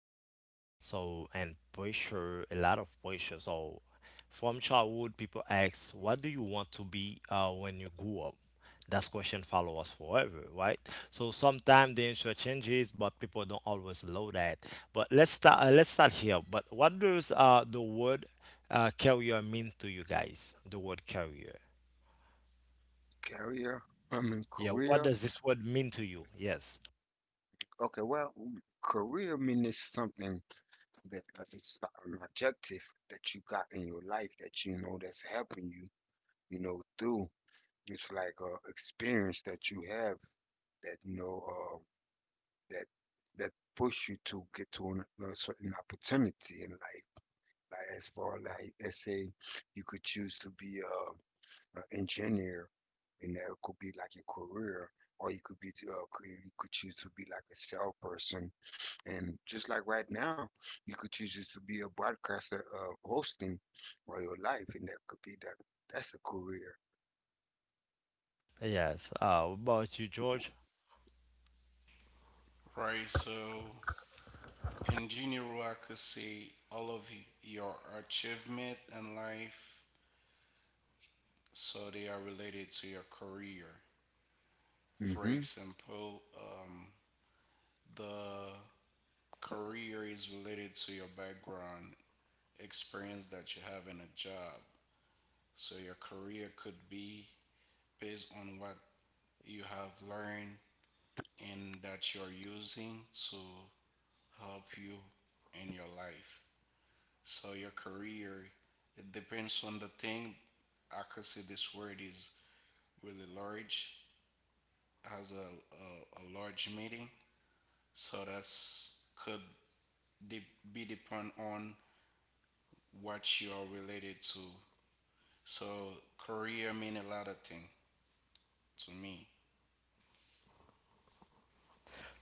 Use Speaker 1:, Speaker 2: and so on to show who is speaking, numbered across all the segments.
Speaker 1: identity. So and pressure, a lot of pressure. So from childhood, people ask, "What do you want to be when you grow up?" That question follow us forever, right? So sometimes the answer changes, but people don't always know that. But let's start. Let's start here. But what does the word carrier mean to you guys? The word carrier.
Speaker 2: Career, I mean
Speaker 1: Yeah. What
Speaker 2: career.
Speaker 1: does this word mean to you? Yes.
Speaker 2: Okay, well, career means something that it's an objective that you got in your life that you know that's helping you through. It's like a experience that you have that that that push you to get to a certain opportunity in life. Like as far like let's say you could choose to be a engineer, and that could be like a career, or you could be you could choose to be like a salesperson, and just like right now, you could choose just to be a broadcaster, hosting all your life, and that could be that. That's a career.
Speaker 1: Yes. What about you, George?
Speaker 3: Right, so in general, I could say all of your achievement in life, so they are related to your career. For
Speaker 2: hmm
Speaker 3: example, the career is related to your background experience that you have in a job. So your career could be based on what you have learned and that you're using to help you in your life. So your career, it depends on the thing. I could say this word is really large, has a large meaning. So that's could de- be depend on what you are related to. So career mean a lot of thing to me.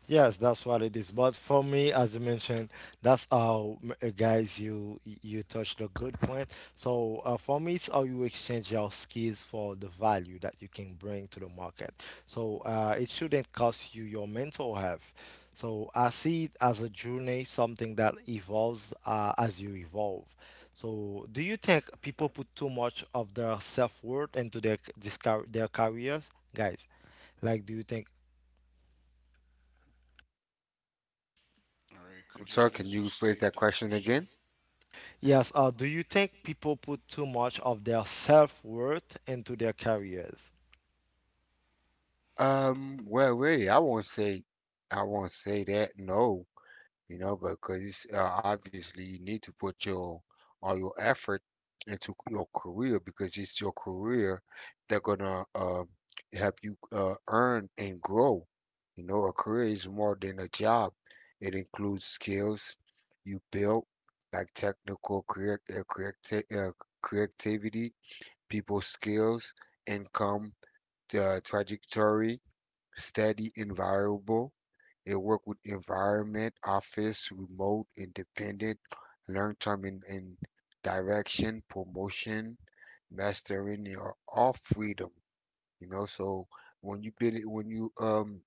Speaker 1: Yes, that's what it is. But for me, as you mentioned, that's how, guys, you touched a good point. So for me, it's how you exchange your skills for the value that you can bring to the market. So it shouldn't cost you your mental health. So I see it as a journey, something that evolves as you evolve. So do you think people put too much of their self-worth into their careers? Guys, like, do you think
Speaker 3: All right,
Speaker 2: I'm
Speaker 3: could you
Speaker 2: sorry, can
Speaker 3: please
Speaker 2: you rephrase
Speaker 3: restate
Speaker 2: that
Speaker 3: the
Speaker 2: question
Speaker 3: question?
Speaker 2: again?
Speaker 1: Yes, uh, do you think people put too much of their self-worth into their careers?
Speaker 2: Well, really, I won't say that. No, you know, because obviously you need to put your all your effort into your career because it's your career that gonna help you earn and grow. You know, a career is more than a job. It includes skills you build, like technical creativity, people skills, income, trajectory, steady, environable. It work with environment, office, remote, independent, learn term in direction, promotion, mastering. You're all freedom. You know, so when you build it, when you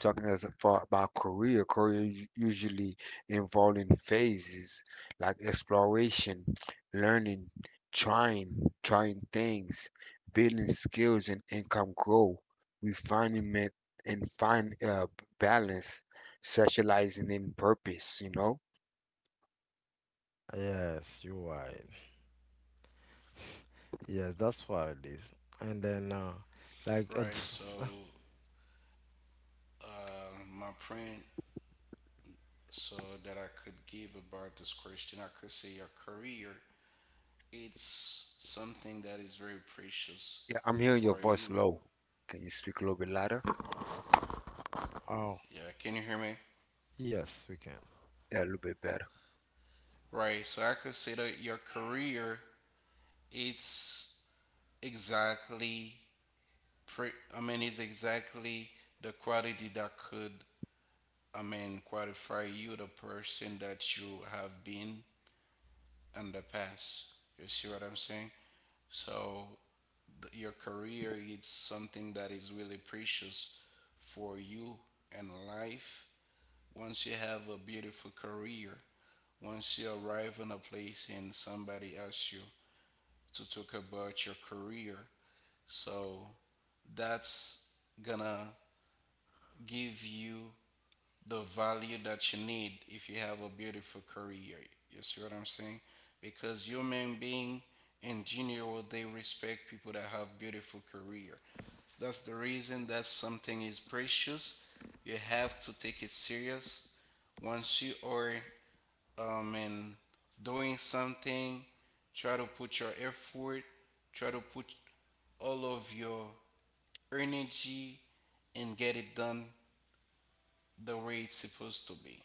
Speaker 2: talking as far about career, usually involving phases like exploration, learning, trying, trying things, building skills and income growth, refinement and find balance, specializing in purpose, you know?
Speaker 1: Yes, you're right. Yes, that's what it is. And then, like,
Speaker 3: Right.
Speaker 1: it's,
Speaker 3: So my print so that I could give about this question, I could say your career it's something that is very precious
Speaker 2: Yeah, I'm hearing your
Speaker 3: for
Speaker 2: voice
Speaker 3: you.
Speaker 2: low. Can you speak a little bit louder?
Speaker 1: oh,
Speaker 3: Yeah, can you hear me?
Speaker 1: yes, we can.
Speaker 2: Yeah, a little bit better.
Speaker 3: Right. So I could say that your career, it's exactly I mean it's exactly the quality that could I mean qualify you the person that you have been in the past. You see what I'm saying? So your career it's something that is really precious for you and life, once you have a beautiful career, once you arrive in a place and somebody asks you to talk about your career, so that's gonna give you the value that you need if you have a beautiful career. You see what I'm saying? Because human being in general they respect people that have beautiful career. That's the reason that something is precious. You have to take it serious once you are and doing something, try to put your effort, try to put all of your energy and get it done the way it's supposed to be.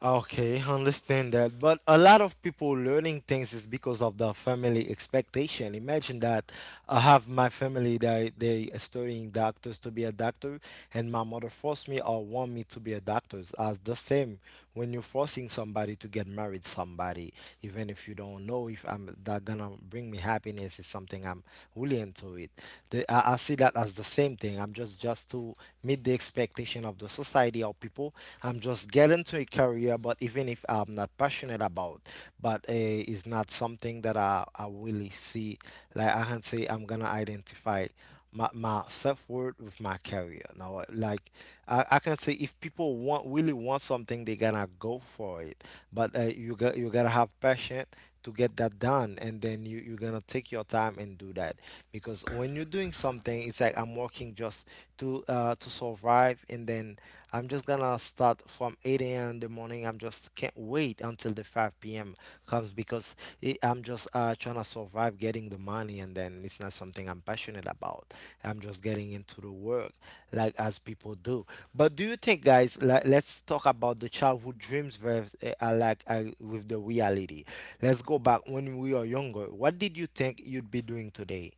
Speaker 1: Okay, I understand that. But a lot of people learning things is because of the family expectation. Imagine that I have my family that they are studying doctors to be a doctor, and my mother forced me or want me to be a doctor. As the same when you're forcing somebody to get married somebody, even if you don't know if I'm that gonna bring me happiness is something I'm willing to it. I see that as the same thing. I'm just to meet the expectation of the society or people. I'm just getting to a career, but even if I'm not passionate about, but it's not something that I really see. Like I can say I'm gonna identify my self-worth with my career. Now, like I can say if people want really want something, they gonna go for it. But uh, you gotta have passion to get that done and then you're gonna take your time and do that because when you're doing something it's like I'm working just to survive and then I'm just gonna start from 8 a.m. in the morning I'm just can't wait until the 5 p.m. comes because I'm just trying to survive getting the money and then it's not something I'm passionate about. I'm just getting into the work like as people do. But do you think guys like, let's talk about the childhood dreams versus with the reality. Let's go back when we were younger. What did you think you'd be doing today?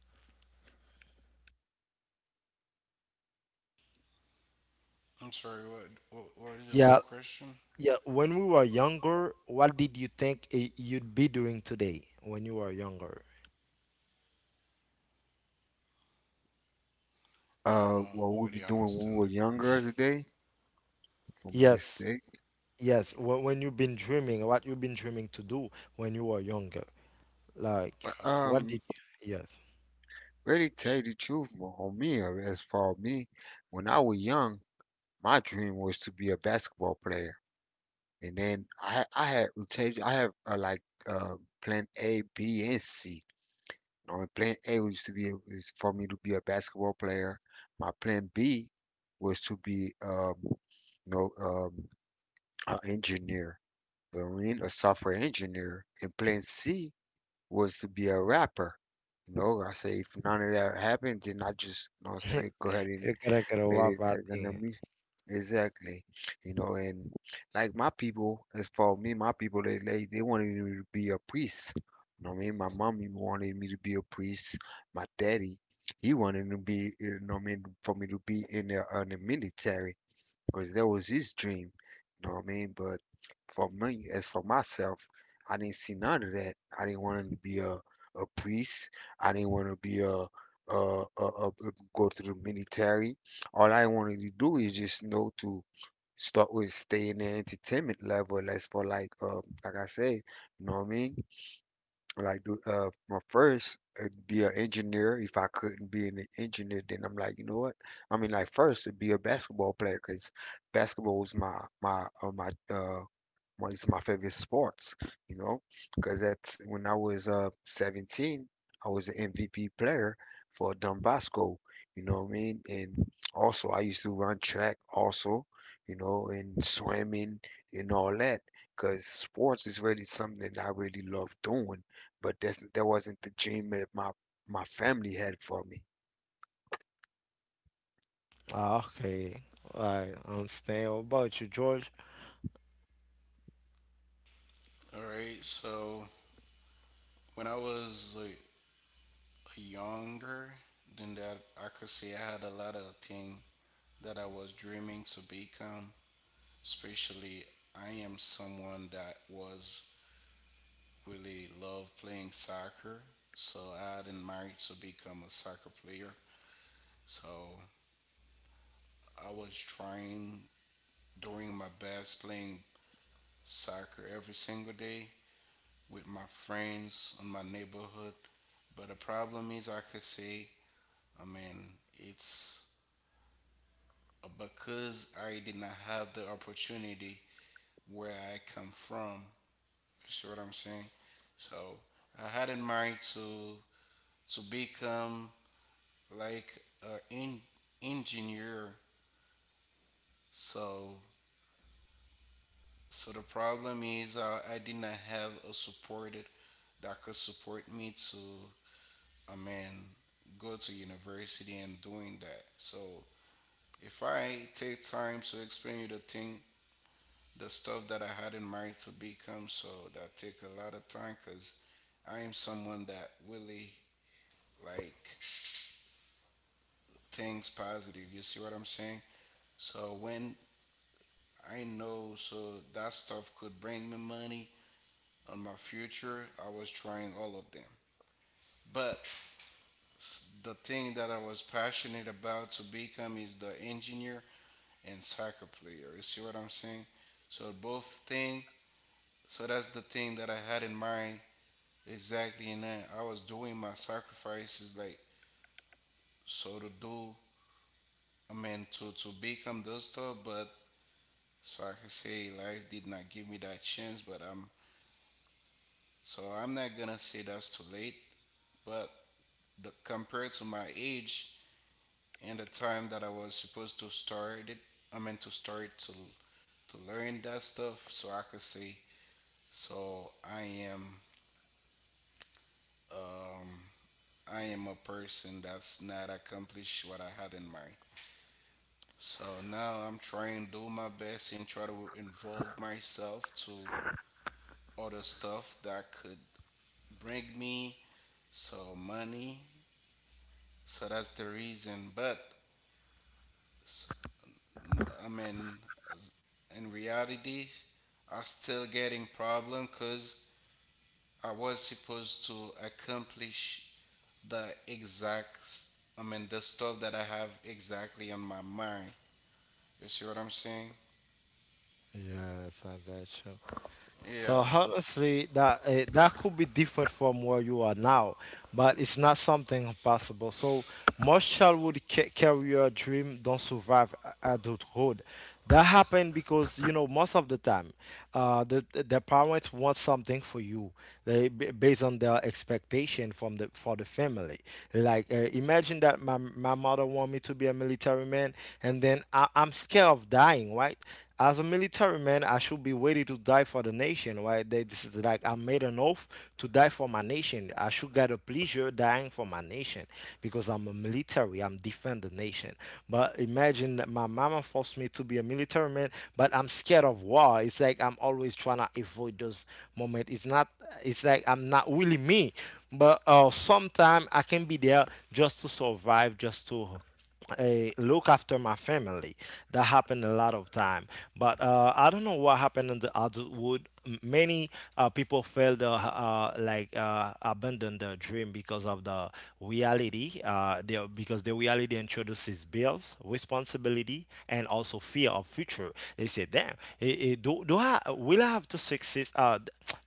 Speaker 3: I'm sorry, what is the
Speaker 1: Yeah,
Speaker 3: question?
Speaker 1: yeah. When we were younger, what did you think you'd be doing today when you were younger?
Speaker 3: I
Speaker 2: What
Speaker 3: don't
Speaker 2: we be
Speaker 3: really
Speaker 2: doing when we
Speaker 3: understand
Speaker 2: were
Speaker 3: the
Speaker 2: younger
Speaker 3: question.
Speaker 2: today from this
Speaker 1: Yes,
Speaker 2: day?
Speaker 1: yes. When you've been dreaming, what you've been dreaming to do when you were younger. Like,
Speaker 3: Um,
Speaker 1: what
Speaker 2: Um,
Speaker 1: did you? Yes.
Speaker 2: Really tell you the truth, on me, or as for me, when I was young, my dream was to be a basketball player. And then I had to tell you, I have plan A, B, and C. You know, and plan A was to be is for me to be a basketball player. My plan B was to be know um, an engineer, you know what I mean, a software engineer. And plan C was to be a rapper. You know, I say if none of that happened, then I just, you know, what I'm saying go ahead and
Speaker 1: You gotta get a
Speaker 2: let
Speaker 1: wap
Speaker 2: it
Speaker 1: out
Speaker 2: as an
Speaker 1: there.
Speaker 2: exactly. You know, and like my people, as for me, my people, they wanted me to be a priest. You know what I mean? My mommy wanted me to be a priest. My daddy, he wanted to be, you know what I mean, for me to be in the military because that was his dream. You know what I mean? But for me, as for myself, I didn't see none of that. I didn't want to be a priest. I didn't want to be a, a go to the military. All I wanted to do is just know to start with stay in the entertainment level. As for like I said, you know what I mean? Like do my first it'd be an engineer if I couldn't be an engineer then I'm like you know what I mean like first it'd be a basketball player because basketball is my well, it's my favorite sports, you know, because that's when I was 17, I was an MVP player for Donbasco, you know what I mean? And also I used to run track also, you know, and swimming and all that, because sports is really something that I really love doing, but that's that wasn't the dream that my family had for me.
Speaker 1: Ah, okay. I understand. What about you, George?
Speaker 3: all right, so when I was like, younger than that, I could say I had a lot of things that I was dreaming to become. Especially I am someone that was really love playing soccer. So I didn't marry to become a soccer player. So I was trying doing my best playing soccer every single day with my friends in my neighborhood. But the problem is I could say, I mean, it's because I did not have the opportunity where I come from. You see what I'm saying? So I had in mind to become like engineer. So so the problem is, I did not have a support that could support me to I mean go to university and doing that. So if I take time to explain you the thing, the stuff that I had in mind to become, so that take a lot of time because I am someone that really like things positive. You see what I'm saying? So when I know so that stuff could bring me money on my future, I was trying all of them. But the thing that I was passionate about to become is the engineer and soccer player. You see what I'm saying? So both thing. So that's the thing that I had in mind exactly, and I was doing my sacrifices like so to do. I mean to become those stuff, but so I could say life did not give me that chance, but I'm so I'm not gonna say that's too late. But the, compared to my age and the time that I was supposed to start it, I meant to start to learn that stuff. So I could say so I am, um, I am a person that's not accomplished what I had in mind. So now I'm trying to do my best and try to involve myself to other stuff that could bring me so money, so that's the reason. But s- i mean s- in reality I am still getting problem because I was supposed to accomplish the exact I mean the stuff that I have exactly on my mind. You see what I'm saying?
Speaker 1: Yes, I got. So
Speaker 3: Yeah,
Speaker 1: honestly, that that could be different from where you are now, but it's not something impossible. So most childhood career dream don't survive adulthood. That happened because you know most of the time, the parents want something for you, they based on their expectation from the for the family. Like, imagine that my mother want me to be a military man, and then I'm scared of dying, right? As a military man, I should be ready to die for the nation, right? That this is like I made an oath to die for my nation. I should get a pleasure dying for my nation because I'm a military. I'm defend the nation. But imagine that my mama forced me to be a military man, but I'm scared of war. It's like I'm always trying to avoid those moments. It's not. It's like I'm not really me but sometimes I can be there just to survive, just to uh, look after my family. That happened a lot of time, but I don't know what happened in the adulthood. Many people felt abandoned their dream because of the reality. Because the reality introduces bills, responsibility, and also fear of future. They say, "Damn, do I will I have to succeed?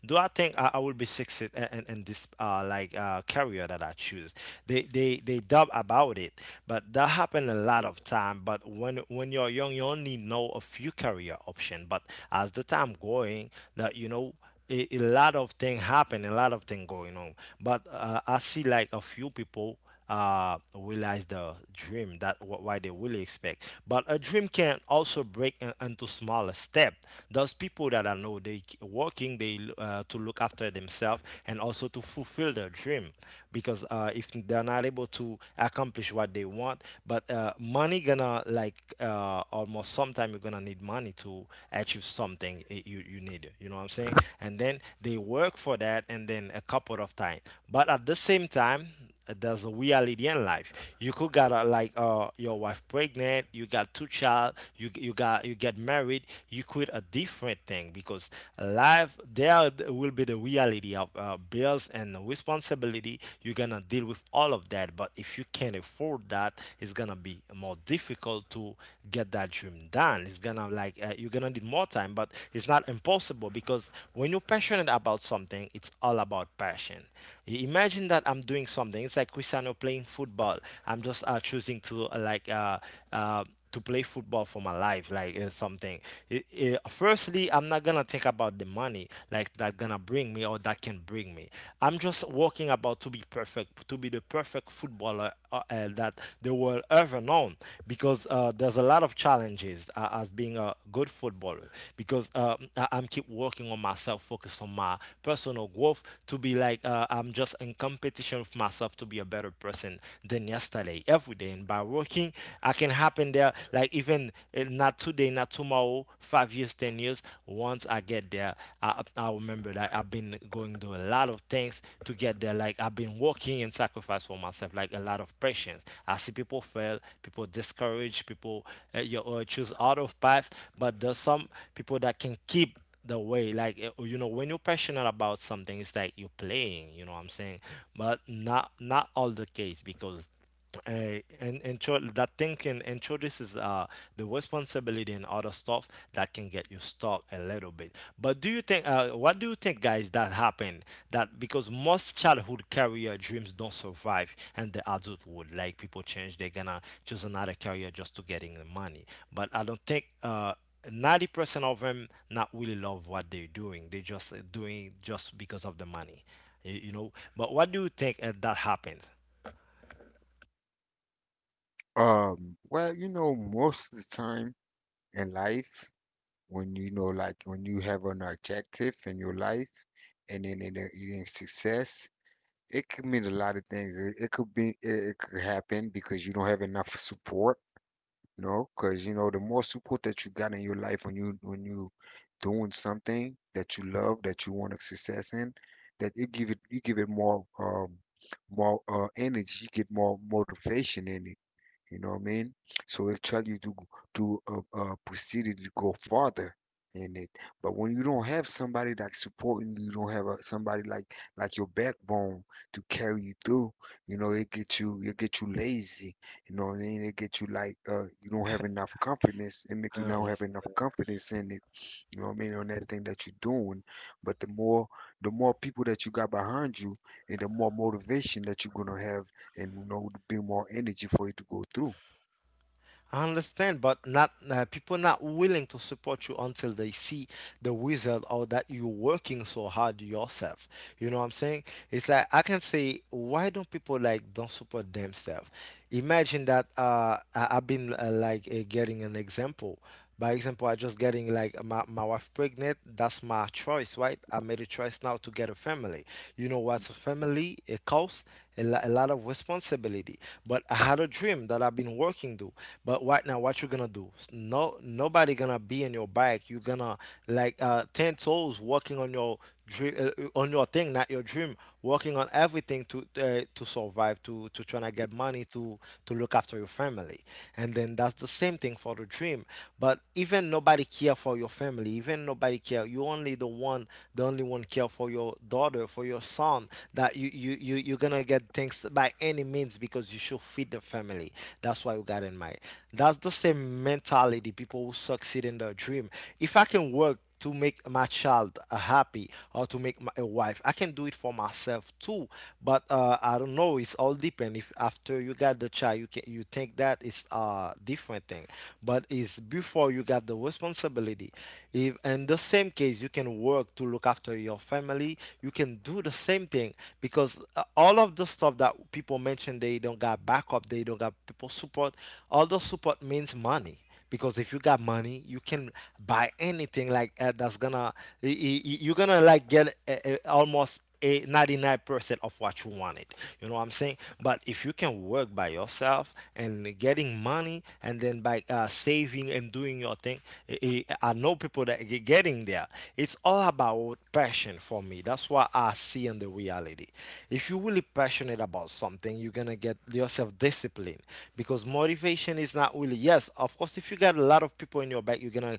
Speaker 1: Do I?" Not think I will be success in this career that I choose. They dub about it, but that happened a lot of time. But when you're young, you only know a few career option. But as the time going, that you know a lot of thing happen, a lot of thing going on. But I see like a few people realize the dream. That why they really expect. But a dream can also break into smaller step. Those people that I know they working they to look after themselves and also to fulfill their dream, because if they're not able to accomplish what they want, but money gonna like almost sometime you're gonna need money to achieve something you you need. You know what I'm saying? And then they work for that, and then a couple of time. But at the same time there's a reality in life. You could got your wife pregnant. You got two child. You get married. You quit a different thing because life there will be the reality of bills and responsibility. You're gonna deal with all of that. But if you can't afford that, it's gonna be more difficult to get that dream done. It's gonna like you're gonna need more time, but it's not impossible because when you're passionate about something, it's all about passion. Imagine that I'm doing something. It's like Cristiano playing football. I'm just choosing to uh, to play football for my life, like something. Firstly, I'm not gonna think about the money like that gonna bring me or that can bring me. I'm just working about to be perfect, to be the perfect footballer that they were ever known because there's a lot of challenges as being a good footballer because I'm keep working on myself, focus on my personal growth to be like I'm just in competition with myself to be a better person than yesterday every day. And by working, I can happen there like even not today, not tomorrow, 5 years, 10 years. Once I get there, I remember that I've been going through a lot of things to get there. Like I've been working and sacrifice for myself, like a lot of patience. I see people fail, people discourage, people you choose out of path, but there's some people that can keep the way like you know when you're passionate about something it's like you're playing you know what I'm saying. But not not all the case because and intro that thinking introduces the responsibility and other stuff that can get you stuck a little bit. But do you think what do you think guys that happened that because most childhood career dreams don't survive and the adulthood like people change they're gonna choose another career just to getting the money but I don't think 90% of them not really love what they're doing. They just doing just because of the money. You you know but what do you think that happened.
Speaker 2: Well, you know, most of the time in life, when you know, like when you have an objective in your life and then in a success, it could mean a lot of things. It could be, it could happen because you don't have enough support, you know, because you know the more support that you got in your life when you doing something that you love that you want a success in, that you give it more energy, you get more motivation in it. You know what I mean? So it tell you to proceed it to go farther in it. But when you don't have somebody like supporting you, you don't have a, somebody like your backbone to carry you through. You know, it get you lazy. You know what I mean? It get you like you don't have enough confidence. It make you not have enough confidence in it. You know what I mean? On that thing that you're doing. But the more people that you got behind you, and the more motivation that you're gonna have, and you know would be more energy for you to go through.
Speaker 1: I understand, but not people not willing to support you until they see the result or that you're working so hard yourself. You know what I'm saying? It's like I can say, why don't people like don't support themselves? Imagine that I've been getting an example. By example, I just getting like my wife pregnant. That's my choice, right? I made a choice now to get a family. You know what's a family? It costs a lot of responsibility. But I had a dream that I've been working to. But right now, what you gonna do? No, nobody gonna be in your back. You gonna like 10 toes walking on your dream on your thing, not your dream. Working on everything to to survive, to trying to get money, to look after your family, and then that's the same thing for the dream. But even nobody care for your family, even nobody care. You only the one, the only one care for your daughter, for your son. That you're gonna get things by any means because you should feed the family. That's why you got in mind. That's the same mentality people who succeed in their dream. If I can work to make my child happy or to make my a wife. I can do it for myself too, but I don't know. It's all depend. If after you got the child, you think that it's a different thing, but it's before you got the responsibility. If in the same case, you can work to look after your family. You can do the same thing because all of the stuff that people mention, they don't got backup, they don't got people support. All the support means money, because if you got money you can buy anything that's gonna you're gonna like get almost a 99% of what you wanted, you know what I'm saying. But if you can work by yourself and getting money and then by saving and doing your thing, I know people that are getting there. It's all about passion for me. That's what I see in the reality. If you're really passionate about something, you're gonna get yourself self-discipline, because motivation is not really, yes, of course, if you got a lot of people in your back, you're gonna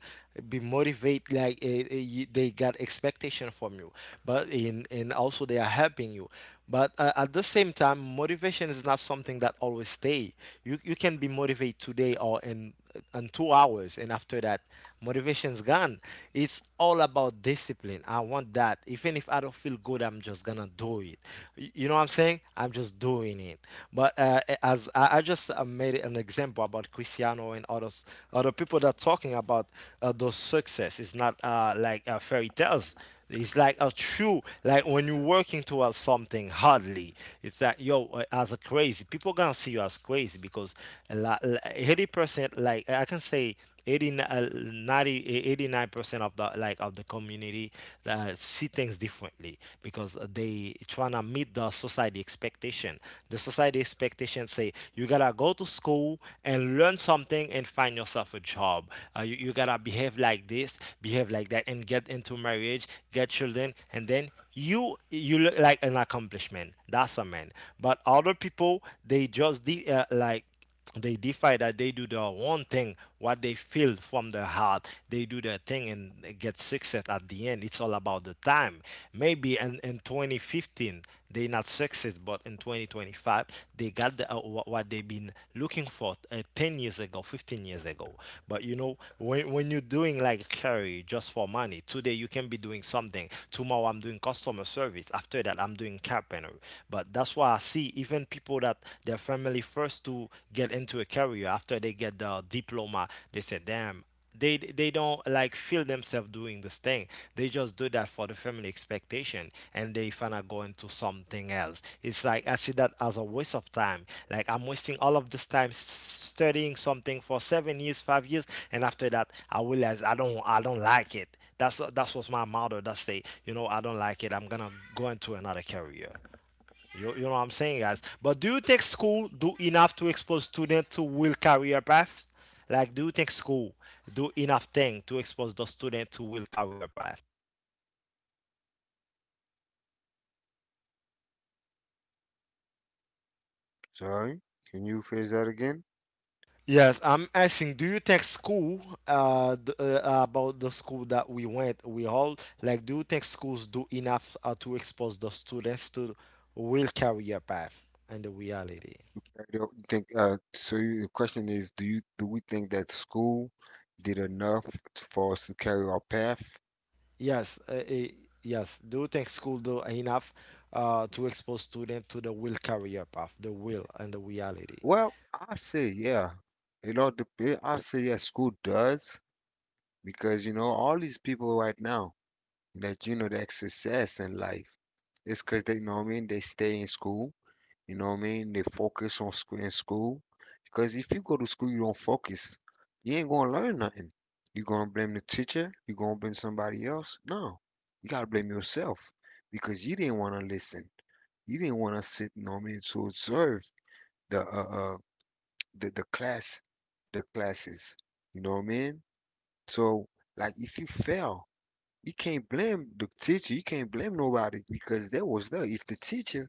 Speaker 1: be motivated, like they got expectation from you, but in, and also they are helping you. But at the same time motivation is not something that always stay. You can be motivated today or in and 2 hours, and after that motivation's gone. It's all about discipline. I want that even if I don't feel good, I'm just gonna do it. You know what I'm saying, I'm just doing it. But as I just made an example about Cristiano and others, other people that are talking about those success. It's not like fairy tales. It's like a true. Like when you're working towards something hardly, it's like, yo, as a crazy, people gonna see you as crazy because a lot, 80%, like I can say 80, 90, 89% of the, like of the community see things differently because they trying to meet the society expectation. The society expectation say, you gotta go to school and learn something and find yourself a job. You gotta behave like this, behave like that, and get into marriage, get children, and then you look like an accomplishment. That's a man. But other people, they just like they defy that. They do their own thing, what they feel from their heart. They do their thing and get success at the end. It's all about the time. Maybe in 2015 they not success, but in 2025 they got the, what they've been looking for 10 years ago, 15 years ago. But you know, when you're doing like carry just for money, today you can be doing something. Tomorrow I'm doing customer service. After that I'm doing carpentry. But that's why I see even people that their family the first to get into a career. After they get the diploma, they say, damn, they don't like feel themselves doing this thing. They just do that for the family expectation, and they finna go into something else. It's like I see that as a waste of time. Like, I'm wasting all of this time studying something for 7 years, 5 years, and after that I realize I don't like it. That's what my mother that say. You know, I don't like it, I'm gonna go into another career. You know what I'm saying, guys. But do you think school do enough to expose students to will career paths? Like, do you think school do enough thing to expose the student to will career path?
Speaker 2: Sorry, can you phrase that again?
Speaker 1: Yes, I'm asking. Do you think school, about the school that we went, we all like? Do you think schools do enough to expose the students to will career path and the reality?
Speaker 2: I don't think. So the question is, do you do we think that school did enough for us to carry our path?
Speaker 1: Yes, yes. Do you think school do enough to expose students to the real career path, the will and the reality?
Speaker 2: Well, I say yeah. It all depends. I say yes, school does. Because you know all these people right now that you know that success in life, it's because they, you know what I mean, they stay in school, you know what I mean, they focus on school in school. Because if you go to school you don't focus, you ain't gonna learn nothing. You gonna blame the teacher, you gonna blame somebody else. No, you gotta blame yourself, because you didn't want to listen, you didn't want to sit, you know what I mean, to observe the uh, uh the class, the classes, you know what I mean. So like if you fail, you can't blame the teacher. You can't blame nobody because that was there. If the teacher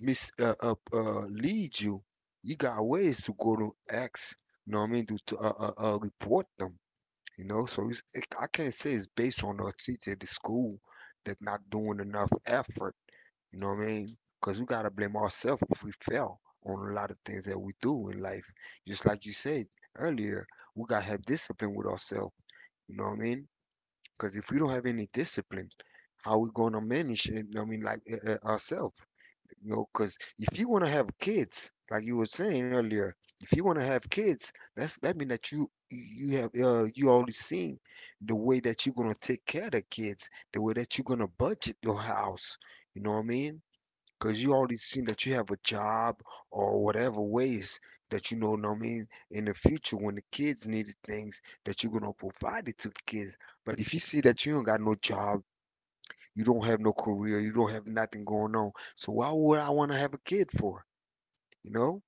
Speaker 2: mis leads you, you got ways to go to X. You know what I mean? To report them. You know, so it, I can't say it's based on the teacher at the school that's not doing enough effort. You know what I mean? Because we gotta blame ourselves if we fail on a lot of things that we do in life. Just like you said earlier, we gotta have discipline with ourselves. You know what I mean? Because if we don't have any discipline, how we gonna manage it? I mean, like ourselves, you know. Because if you wanna have kids, like you were saying earlier, if you wanna have kids, that's that mean that you have you already seen the way that you're gonna take care of the kids, the way that you're gonna budget your house. You know what I mean? Cause you already seen that you have a job or whatever ways that, you know what I mean, in the future when the kids need things, that you're gonna provide it to the kids. But if you see that you don't got no job, you don't have no career, you don't have nothing going on, so why would I wanna have a kid for? You know?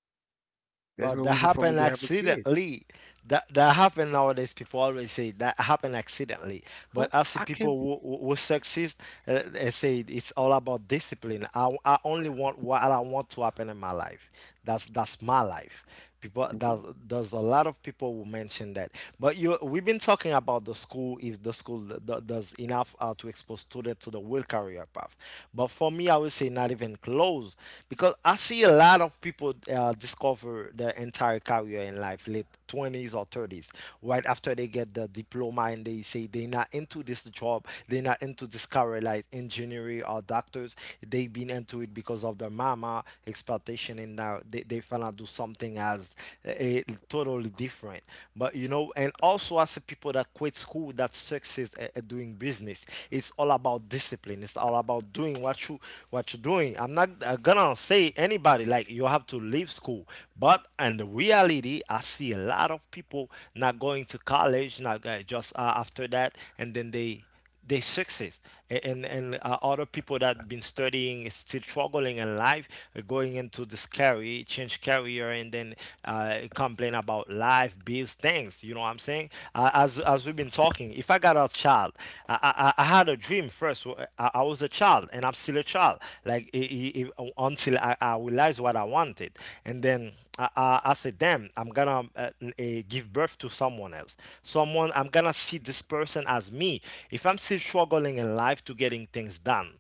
Speaker 2: There's
Speaker 1: But
Speaker 2: no
Speaker 1: that
Speaker 2: reason for me
Speaker 1: happen
Speaker 2: to have a kid.
Speaker 1: accidentally. That happen, nowadays people always say that happen accidentally. But
Speaker 2: What?
Speaker 1: I see
Speaker 2: I
Speaker 1: people
Speaker 2: can.
Speaker 1: who succeed, they say it's all about discipline. I only want what I want to happen in my life. That's my life. People
Speaker 2: Mhm.
Speaker 1: that, there's a lot of people who mention that. But you, we've been talking about the school if the school does enough to expose students to the will career path. But for me, I would say not even close, because I see a lot of people discover their entire career in life, late 20s or 30s, right after they get the diploma, and they say they're not into this job, they're not into this career like engineering or doctors. They've been into it because of their mama expectation, and now they finna do something as a totally different. But you know, and also as the people that quit school that success at doing business, it's all about discipline. It's all about doing what you, what you're doing. I'm not gonna say anybody like you have to leave school. But in the reality, I see a lot of people not going to college, not go- just after that, and then they success. And other people that been studying is still struggling in life, going into this career, change career, and then complain about life, bills, things, you know what I'm saying. As we've been talking, if I got a child, I had a dream first. I was a child and I'm still a child like until I realized what I wanted. And then I said, damn, I'm gonna give birth to someone else. Someone, I'm gonna see this person as me. If I'm still struggling in life to getting things done,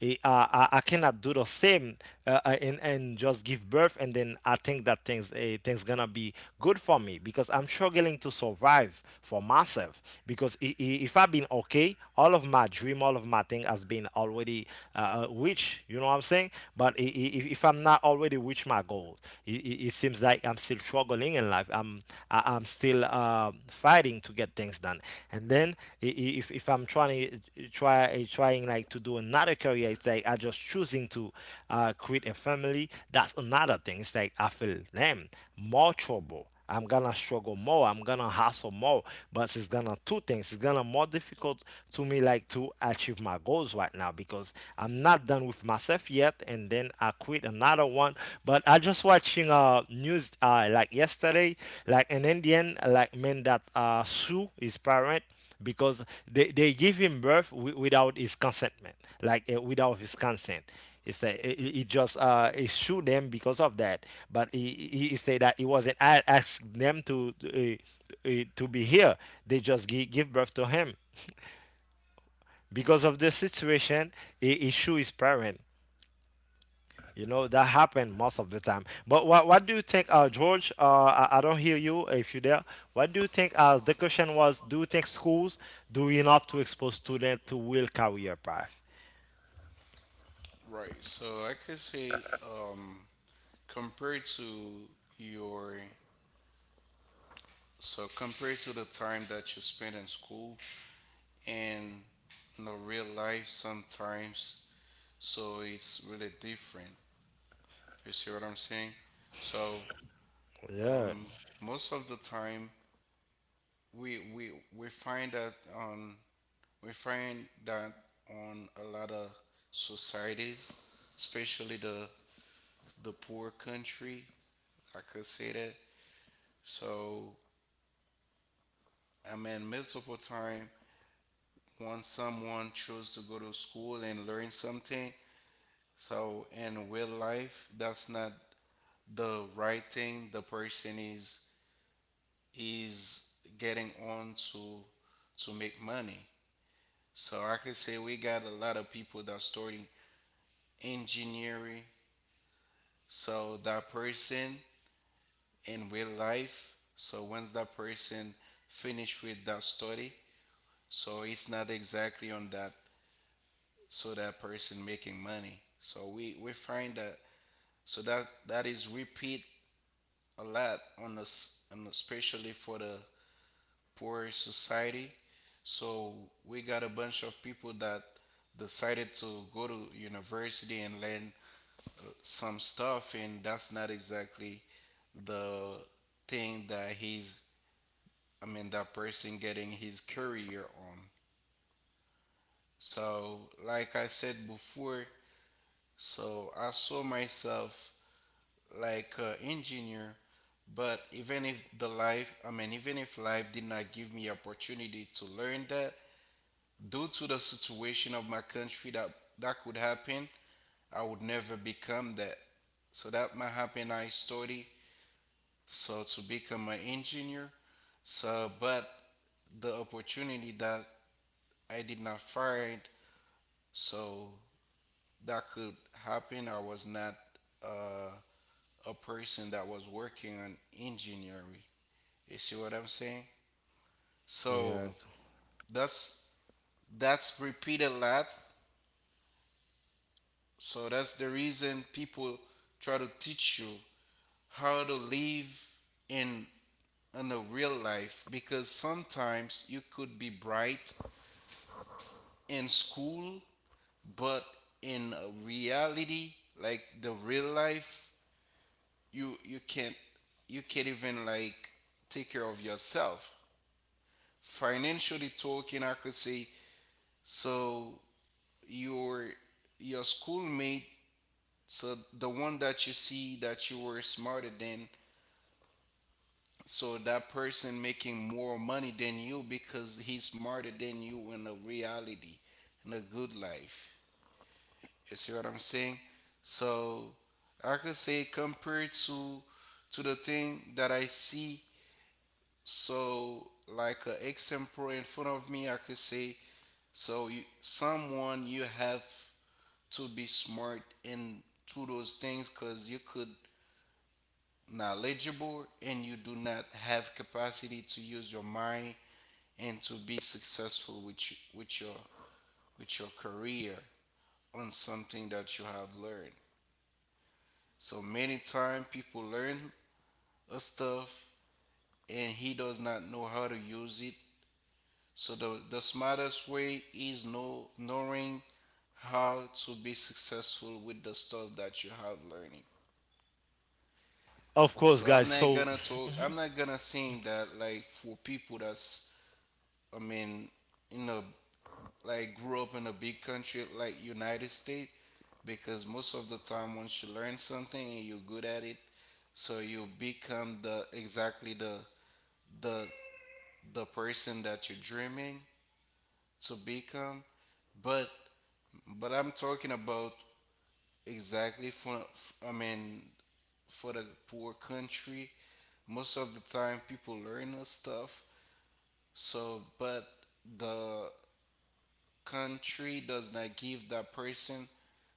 Speaker 1: I cannot do the same, and just give birth, and then I think that things gonna be good for me, because I'm struggling to survive for myself, because if I've been okay, all of my dream, all of my thing has been already reach. You know what I'm saying? But if I'm not already reach my goal, it seems like I'm still struggling in life. I'm still fighting to get things done. And then if I'm trying to trying like to do another career, it's like I just choosing to create a family. That's another thing. It's like I feel, damn, more trouble. I'm gonna struggle more. I'm gonna hustle more. But it's gonna two things. It's gonna more difficult to me, like to achieve my goals right now, because I'm not done with myself yet. And then I quit another one. But I just watching news like yesterday, like an Indian like man that sue his parent because they give him birth without his consentment, like without his consent. He said he just he shoot them because of that, but he said that he wasn't ask them to be here. They just give birth to him because of this situation. He shoot his parent, you know, that happened most of the time. But what do you think, George? I don't hear you if you're there. What do you think? The question was, do you think schools do enough to expose students to real career path?
Speaker 3: right, so I could say, compared to your so compared to the time that you spent in school in the real life sometimes. So it's really different. You see what I'm saying? So
Speaker 1: Yeah,
Speaker 3: most of the time we we we find that on we find that on a lot of societies, especially the poor country, I could say that. So I mean multiple time once someone chose to go to school and learn something, so in real life that's not the right thing the person is getting on to make money. So I could say we got a lot of people that study engineering. So that person in real life. So once that person finish with that study, so it's not exactly on that. So that person making money. So we find that so that that is repeat a lot on us, and especially for the poor society. So we got a bunch of people that decided to go to university and learn some stuff, and that's not exactly the thing that he's, I mean, that person getting his career on. So, like I said before, so I saw myself like an engineer, but even if the life, I mean, even if life did not give me opportunity to learn that, due to the situation of my country, that that could happen, I would never become that. So that might happen I study so to become an engineer. So but the opportunity that I did not find so that could happen I was not uh, a person that was working on engineering. You see what I'm saying? So
Speaker 1: yes,
Speaker 3: that's that's repeated a lot. So that's the reason people try to teach you how to live in in a real life because sometimes you could be bright in school, but in reality, like the real life, you can't, you can't even like take care of yourself financially talking, I could say. So your your schoolmate, so the one that you see that you were smarter than, so that person making more money than you because he's smarter than you in a reality, in a good life. You see what I'm saying? So I could say compared to the thing that I see. So like an example in front of me, I could say so you, someone you have to be smart in to those things because you could knowledgeable and you do not have capacity to use your mind and to be successful with your with your career on something that you have learned. So many times people learn a stuff and he does not know how to use it. So the smartest way is knowing how to be successful with the stuff that you have learning.
Speaker 1: of course,
Speaker 3: So I'm
Speaker 1: guys.
Speaker 3: not
Speaker 1: So,
Speaker 3: gonna talk. I'm not gonna sing that like for people that's I mean in a like grew up in a big country like United States because most of the time once you learn something and you're good at it, so you become the exactly the the person that you're dreaming to become. But I'm talking about exactly for I mean for the poor country. Most of the time people learn us stuff. So but the country does not give that person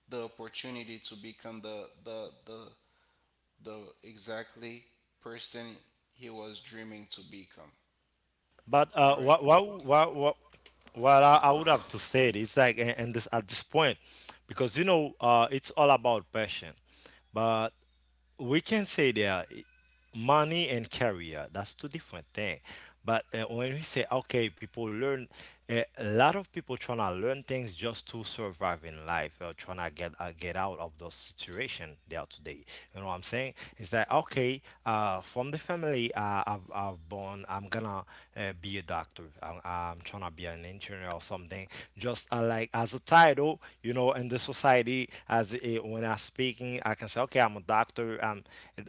Speaker 3: the opportunity to become the exactly person he was dreaming to become.
Speaker 1: but
Speaker 3: All right,
Speaker 1: what I would have to say it, it's like, and this at this point, because you know, it's all about passion. But we can say there, money and career. That's two different things. But when we say okay, people learn. A lot of people trying to learn things just to survive in life, or trying to get out of the situation they are today. You know what I'm saying? It's like okay, from the family I've born, I'm gonna be a doctor. I'm trying to be an engineer millionaire or something. Just like as a title, you know, in the society, as a, when I'm speaking, I can say, okay, I'm a doctor. Um,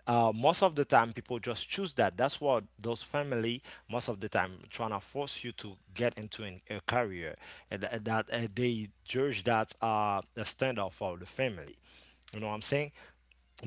Speaker 1: uh, Most of the time, people just choose that. That's what those family most of the time trying to force you to get into a career and that they judge that the standard for the family. You know what I'm saying?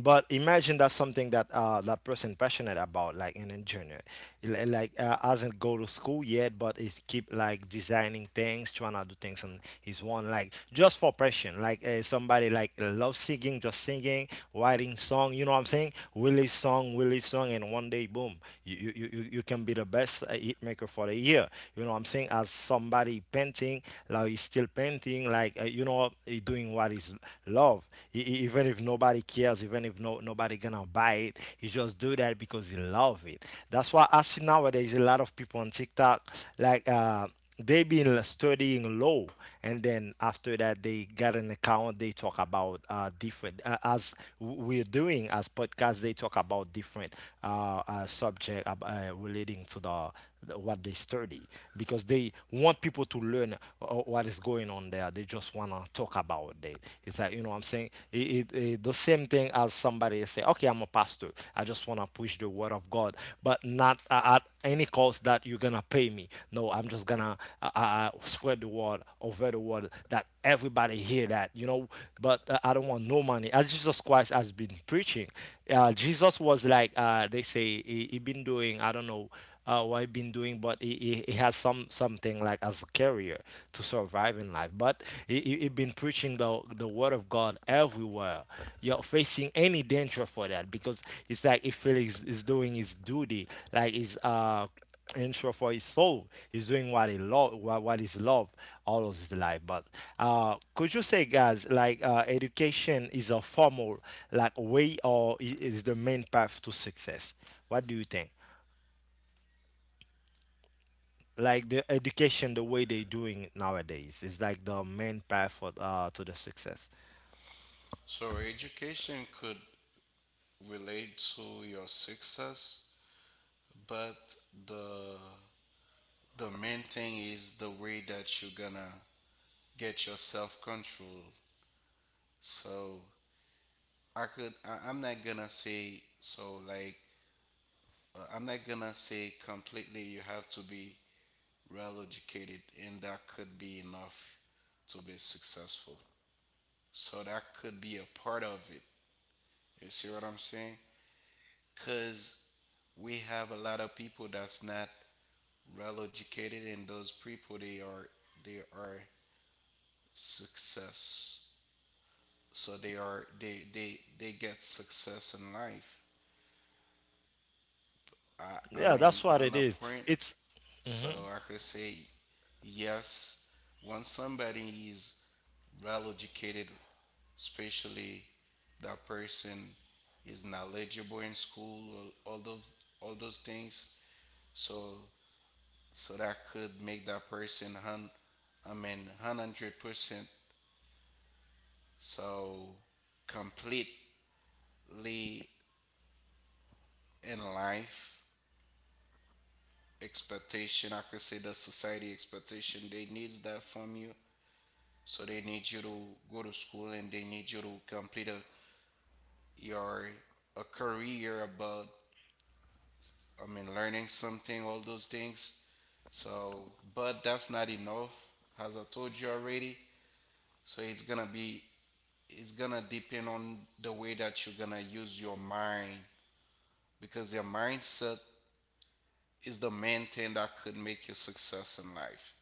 Speaker 1: But imagine that's something that that person passionate about, like an engineer. Like hasn't go to school yet but is keep like designing things, trying to do things on his own, like just for passion. Like somebody like love singing, just singing, writing song. You know what I'm saying? Release song, release song, and one day, boom, you can be the best hit maker for the year. You know what I'm saying? As somebody painting, like he's still painting, like you know, he doing what is love. Even if nobody cares, even if no, nobody gonna buy it, he just do that because he love it. That's why I see nowadays a lot of people on TikTok, like they been studying law. And then after that, they got an account. They talk about different as we're doing as podcasts. They talk about different subject, relating to the what they study, because they want people to learn what is going on there. They just want to talk about it. It's like, you know what I'm saying? The same thing as somebody say, okay, I'm a pastor. I just want to push the word of God, but not at any cost that you're going to pay me. No, I'm just going to spread the word over the word that everybody hear that, you know, but I don't want no money. As Jesus Christ has been preaching, Jesus was like, they say, he been doing, I don't know, what I've been doing, but he has some something like as a career to survive in life. But he been preaching the word of God everywhere. You're facing any danger for that, because it's like if Felix is doing his duty, like his intro for his soul, he's doing what he love, what is love all of his life. But could you say, guys, like education is a formal like way or is the main path to success? What do you think? Like the education the way they doing it nowadays is like the main path for to the success?
Speaker 3: so education could relate to your success, but the the main thing is the way that you're gonna get your self control. So I'm not gonna say so like, I'm not gonna say completely you have to be well educated, and that could be enough to be successful. So that could be a part of it. You see what I'm saying? Because we have a lot of people that's not well educated, and those people they are success. So they are they they get success in life. I
Speaker 1: Yeah,
Speaker 3: mean
Speaker 1: that's what
Speaker 3: in an
Speaker 1: it is.
Speaker 3: apprent,
Speaker 1: It's
Speaker 3: so
Speaker 1: Mhm.
Speaker 3: I could say yes. Once somebody is well educated, especially that person is knowledgeable in school or all those things. So so that could make that person hun I mean 100% so completely in life expectation, I could say the society expectation they needs that from you, so they need you to go to school and they need you to complete a, your a career about I mean, learning something, all those things. So, but that's not enough, as I told you already. So it's gonna be, it's gonna depend on the way that you're gonna use your mind because your mindset is the main thing that could make you success in life.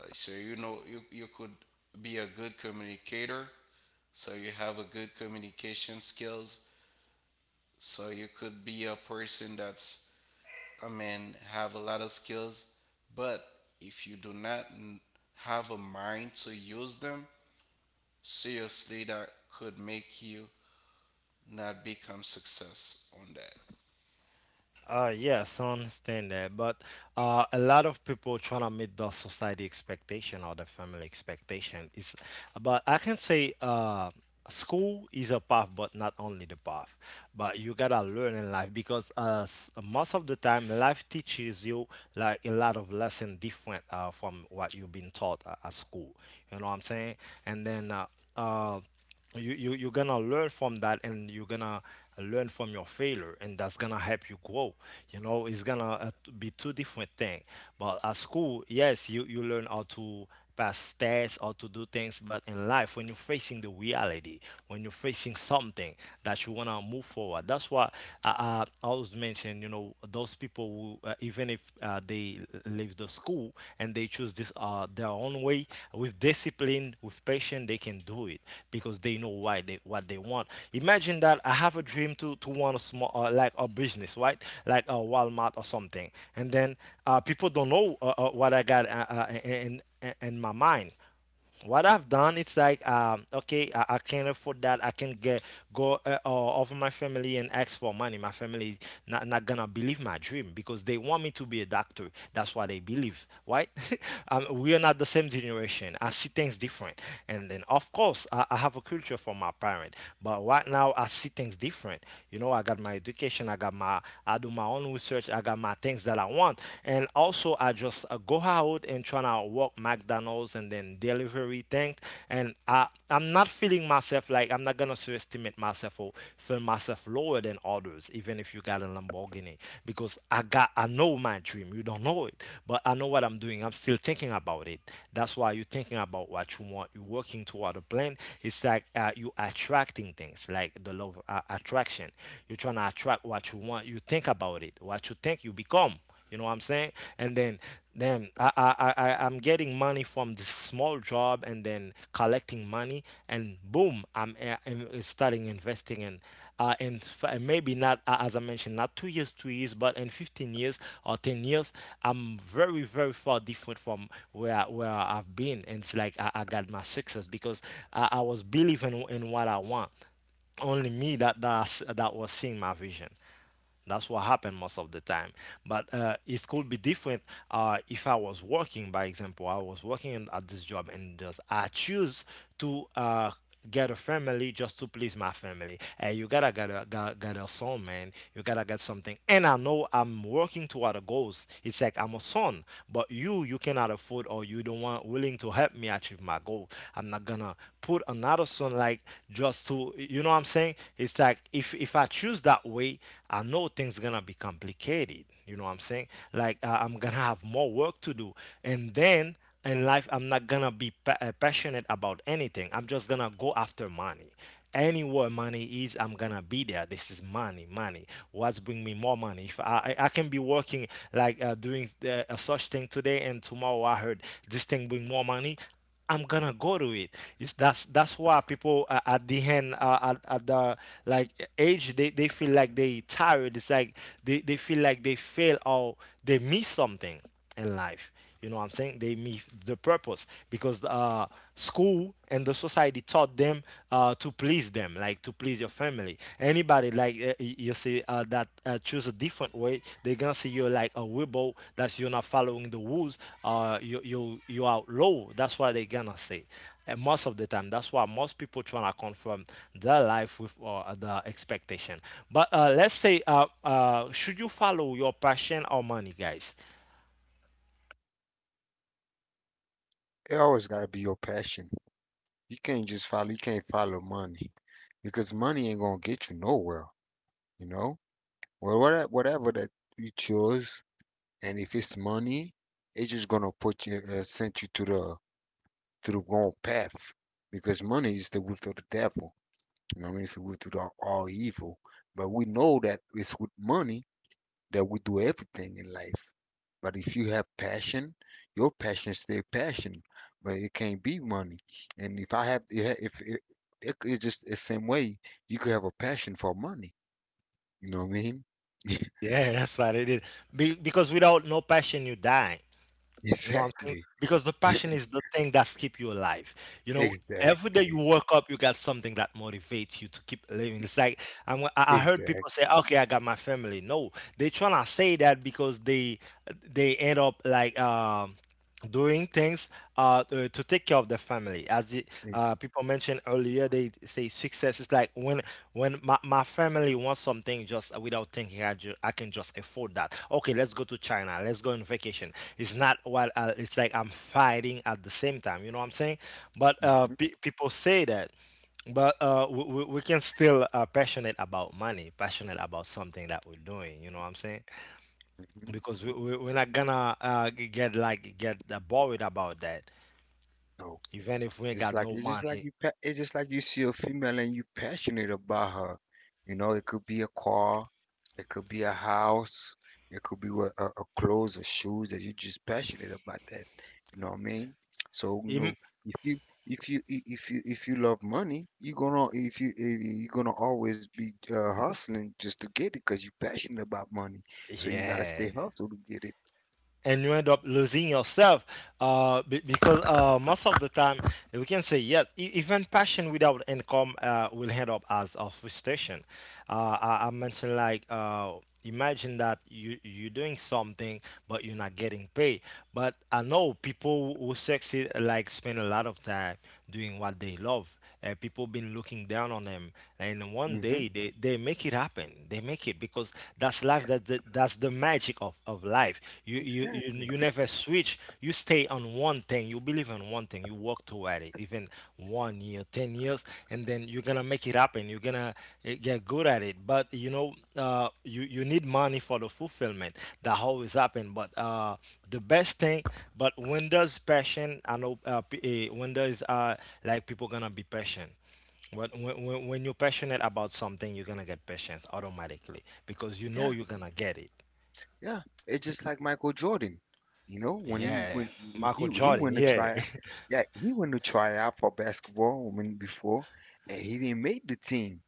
Speaker 3: So you know, you could be a good communicator. So you have a good communication skills. So you could be a person that's I mean, have a lot of skills, but if you do not have a mind to use them, seriously, that could make you not become success on that.
Speaker 1: yes, I understand that, but a lot of people trying to meet the society expectation or the family expectation is, but I can say school is a path but not only the path. But you gotta learn in life, because most of the time life teaches you like a lot of lesson different from what you've been taught at school. You know what I'm saying? And then uh, you, you're gonna learn from that, and you're gonna learn from your failure, and that's gonna help you grow. You know, it's gonna be two different things. But at school, yes, you learn how to pass tests or to do things. But in life, when you're facing the reality, when you're facing something that you want to move forward, that's why I always mention, you know, those people who even if they leave the school and they choose this their own way, with discipline, with patience, they can do it. Because they know why they what they want. Imagine that I have a dream to want a small like a business, right, like a Walmart or something. And then people don't know what I got in, my mind. What I've done, it's like, okay, I can't afford that. I can get go over my family and ask for money. My family not gonna believe my dream because they want me to be a doctor. That's why they believe, right? We are not the same generation. I see things different, and then of course I have a culture from my parent. But right now I see things different. You know, I got my education. I got my I do my own research. I got my things that I want, and also I just go out and try to now work McDonald's and then delivery things. And I'm not feeling myself, like I'm not gonna underestimate myself or feel myself lower than others, even if you got a Lamborghini, because I got I know my dream. You don't know it, but I know what I'm doing. I'm still thinking about it. That's why you're thinking about what you want. You're working toward a plan. It's like you attracting things, like the love attraction. You're trying to attract what you want. You think about it. What you think, you become. You know what I'm saying? And then I'm getting money from this small job and then collecting money and boom, I'm starting investing in and and maybe not as I mentioned, not 2 years 2 years, but in 15 years or 10 years, I'm very far different from where I've been. And it's like I got my success, because I was believing in what I want. Only me that I that was seeing my vision. That's what happened most of the time. But it could be different if I was working, by example, I was working at this job, and just I choose to get a family just to please my family. And you gotta get a, get a son, man. You gotta get something. And I know I'm working toward a goals. It's like I'm a son, but you cannot afford, or you don't want willing to help me achieve my goal. I'm not gonna put another song like just to you know what I'm saying? It's like if I choose that way, I know things gonna be complicated. You know what I'm saying? Like I'm gonna have more work to do, and then in life I'm not gonna be passionate about anything. I'm just gonna go after money. Anywhere money is, I'm gonna be there. This is money, money. What's bring me more money? If I can be working like doing a such thing today, and tomorrow I heard this thing bring more money, I'm gonna go to it. It's that's why people at the end at the like age, they feel like they tired. It's like they feel like they fail or they miss something in life. You know what I'm saying? They miss the purpose, because school and the society taught them to please them, like to please your family. Anybody like you see that choose a different way, they gonna see you like a rebel. That's you're not following the rules. You out low. That's what they gonna say. And most of the time, that's why most people trying to confirm their life with the expectation. But let's say, should you follow your passion or money, guys?
Speaker 2: It always gotta be your passion. You can't follow money. Because money ain't gonna get you nowhere, you know? Well, whatever that you choose, and if it's money, it's just gonna put you, send you to the wrong path, because money is the root of the devil. You know what I mean? It's the root of all evil. But we know that it's with money that we do everything in life. But if you have passion, your passion stay passion, but it can't be money. And if I have, if it, it, it's just the same way, you could have a passion for money. You know what I mean?
Speaker 1: Yeah, that's what it is. Because without no passion, you die. You know what I'm saying?
Speaker 2: Exactly.
Speaker 1: Because the passion is the thing that's keep you alive. You know, every day you
Speaker 2: Exactly.
Speaker 1: wake up, you got something that motivates you to keep living. It's like I heard people say,
Speaker 2: Exactly.
Speaker 1: "Okay, I got my family." No, they tryna say that because they end up like doing things to take care of their family. As people mentioned earlier, they say success is like when my family wants something, just without thinking, I can just afford that. Okay, let's go to China. Let's go on vacation. It's not what it's like. I'm fighting at the same time. You know what I'm saying? But
Speaker 2: Hmm.
Speaker 1: people say that. But we can still passionate about money, passionate about something that we're doing. You know what I'm saying?
Speaker 2: Hmm.
Speaker 1: Because we're not gonna get like get worried about that,
Speaker 2: No,
Speaker 1: even if we ain't
Speaker 2: it's
Speaker 1: got
Speaker 2: like
Speaker 1: no money.
Speaker 2: it's just like you see a female and you passionate about her. You know, it could be a car, it could be a house, it could be a clothes or shoes that you're just passionate about that. You know what I mean? So you
Speaker 1: Im-
Speaker 2: know, if you if you love money, you're gonna, if you- you're gonna always be hustling just to get it because you're passionate about money. So you gotta stay
Speaker 1: yeah.
Speaker 2: hustled to get it.
Speaker 1: And you end up losing yourself because most of the time we can say yes, even passion without income will end up as a frustration. I mentioned like imagine that you're doing something but you're not getting paid. But I know people who succeed like spend a lot of time doing what they love. People been looking down on them, and one
Speaker 2: Hmm.
Speaker 1: day they make it happen. They make it because that's life. That's the magic of life. You, you you
Speaker 2: Exactly.
Speaker 1: you never switch. You stay on one thing. You believe in one thing. You work toward it, even one year, 10 years, and then you're gonna make it happen. You're gonna get good at it, but you know you need money for the fulfillment that always happen, but the best thing but when there's passion, I know p- eh, when there's people gonna be patient. But when you're passionate about something, you're gonna get patience automatically because you know you're gonna get it.
Speaker 2: Yeah, it's just like Michael Jordan. You know, when he
Speaker 1: Yeah,
Speaker 2: when when
Speaker 1: Michael
Speaker 2: he he
Speaker 1: Jordan,
Speaker 2: went to
Speaker 1: yeah.
Speaker 2: try out, yeah, he went to try out for basketball when before, and he didn't make the team,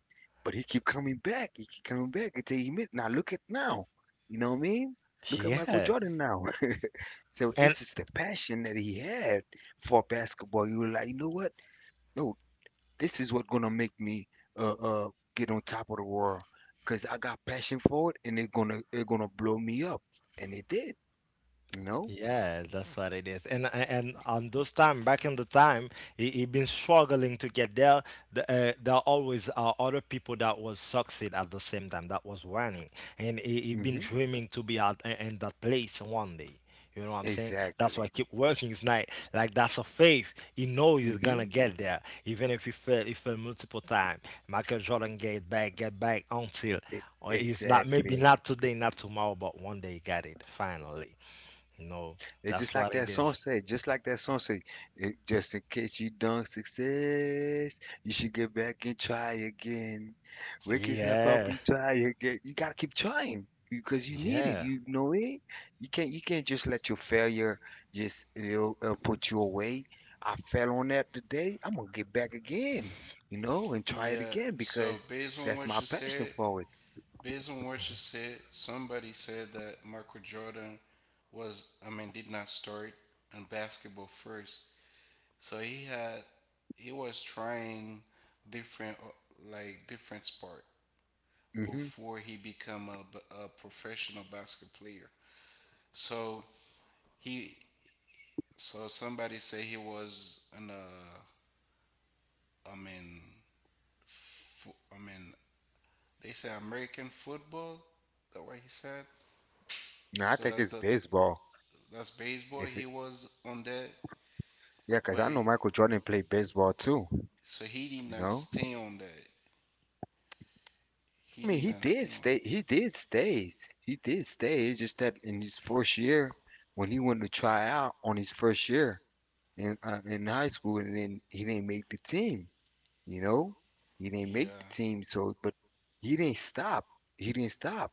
Speaker 2: but he keep coming back. He keep coming back until he made. Now look at now, you know what I mean? Look at Michael
Speaker 1: Yeah,
Speaker 2: Jordan now. So
Speaker 1: and
Speaker 2: it's just the passion that he had for basketball. You were like, you know what? No, this is what gonna make me uh uh get on top of the world because I got passion for it, and they're gonna blow me up, and it did. You know?
Speaker 1: yeah, that's what it is. And on those time, back in the time, he been struggling to get there. There always are other people that was succeed at the same time that was running, and he been
Speaker 2: hmm
Speaker 1: dreaming to be out in that place one day. You know what I'm saying? That's why I
Speaker 2: Exactly.
Speaker 1: keep working. It's not like that's a faith. He knows he's gonna
Speaker 2: hmm
Speaker 1: get there, even if he fail, he fail multiple times. Michael Jordan get back until, or it's not maybe
Speaker 2: Exactly.
Speaker 1: not today, not tomorrow, but one day he got it finally. No,
Speaker 2: It's
Speaker 1: that's
Speaker 2: just like
Speaker 1: what I
Speaker 2: that
Speaker 1: did.
Speaker 2: song say, it, just in case you don't success, you should get back and try again. Wake it up, up
Speaker 1: Yeah,
Speaker 2: and try again. You gotta keep trying because you need it.
Speaker 1: yeah,
Speaker 2: You know it. You can't just let your failure just put you away. I fell on that today. I'm gonna get back again, you know, and try it
Speaker 3: Yeah,
Speaker 2: again because
Speaker 3: so based on
Speaker 2: that's
Speaker 3: what
Speaker 2: my
Speaker 3: you
Speaker 2: passion
Speaker 3: said,
Speaker 2: for it.
Speaker 3: based on what you said, somebody said that Michael Jordan I mean, did not start in basketball first. So he was trying different, like different sport
Speaker 2: hmm
Speaker 3: before he become a professional basketball player. So he so somebody say he was an I mean I mean they say American football. That what he said.
Speaker 2: I
Speaker 3: So
Speaker 2: think it's baseball.
Speaker 3: that's baseball.
Speaker 2: If
Speaker 3: He
Speaker 2: it,
Speaker 3: was on that,
Speaker 2: yeah, 'cause
Speaker 3: but
Speaker 2: I know Michael Jordan played baseball too.
Speaker 3: so he did
Speaker 2: You
Speaker 3: not
Speaker 2: know,
Speaker 3: stay on that.
Speaker 2: I
Speaker 3: He
Speaker 2: mean,
Speaker 3: did
Speaker 2: he
Speaker 3: not stay
Speaker 2: did
Speaker 3: on.
Speaker 2: stay. He did stays. He did stay. It's just that in his first year, when he went to try out on his first year in high school, and then he didn't make the team. You know, he didn't make
Speaker 3: Yeah,
Speaker 2: the team. So, but he didn't stop. He didn't stop.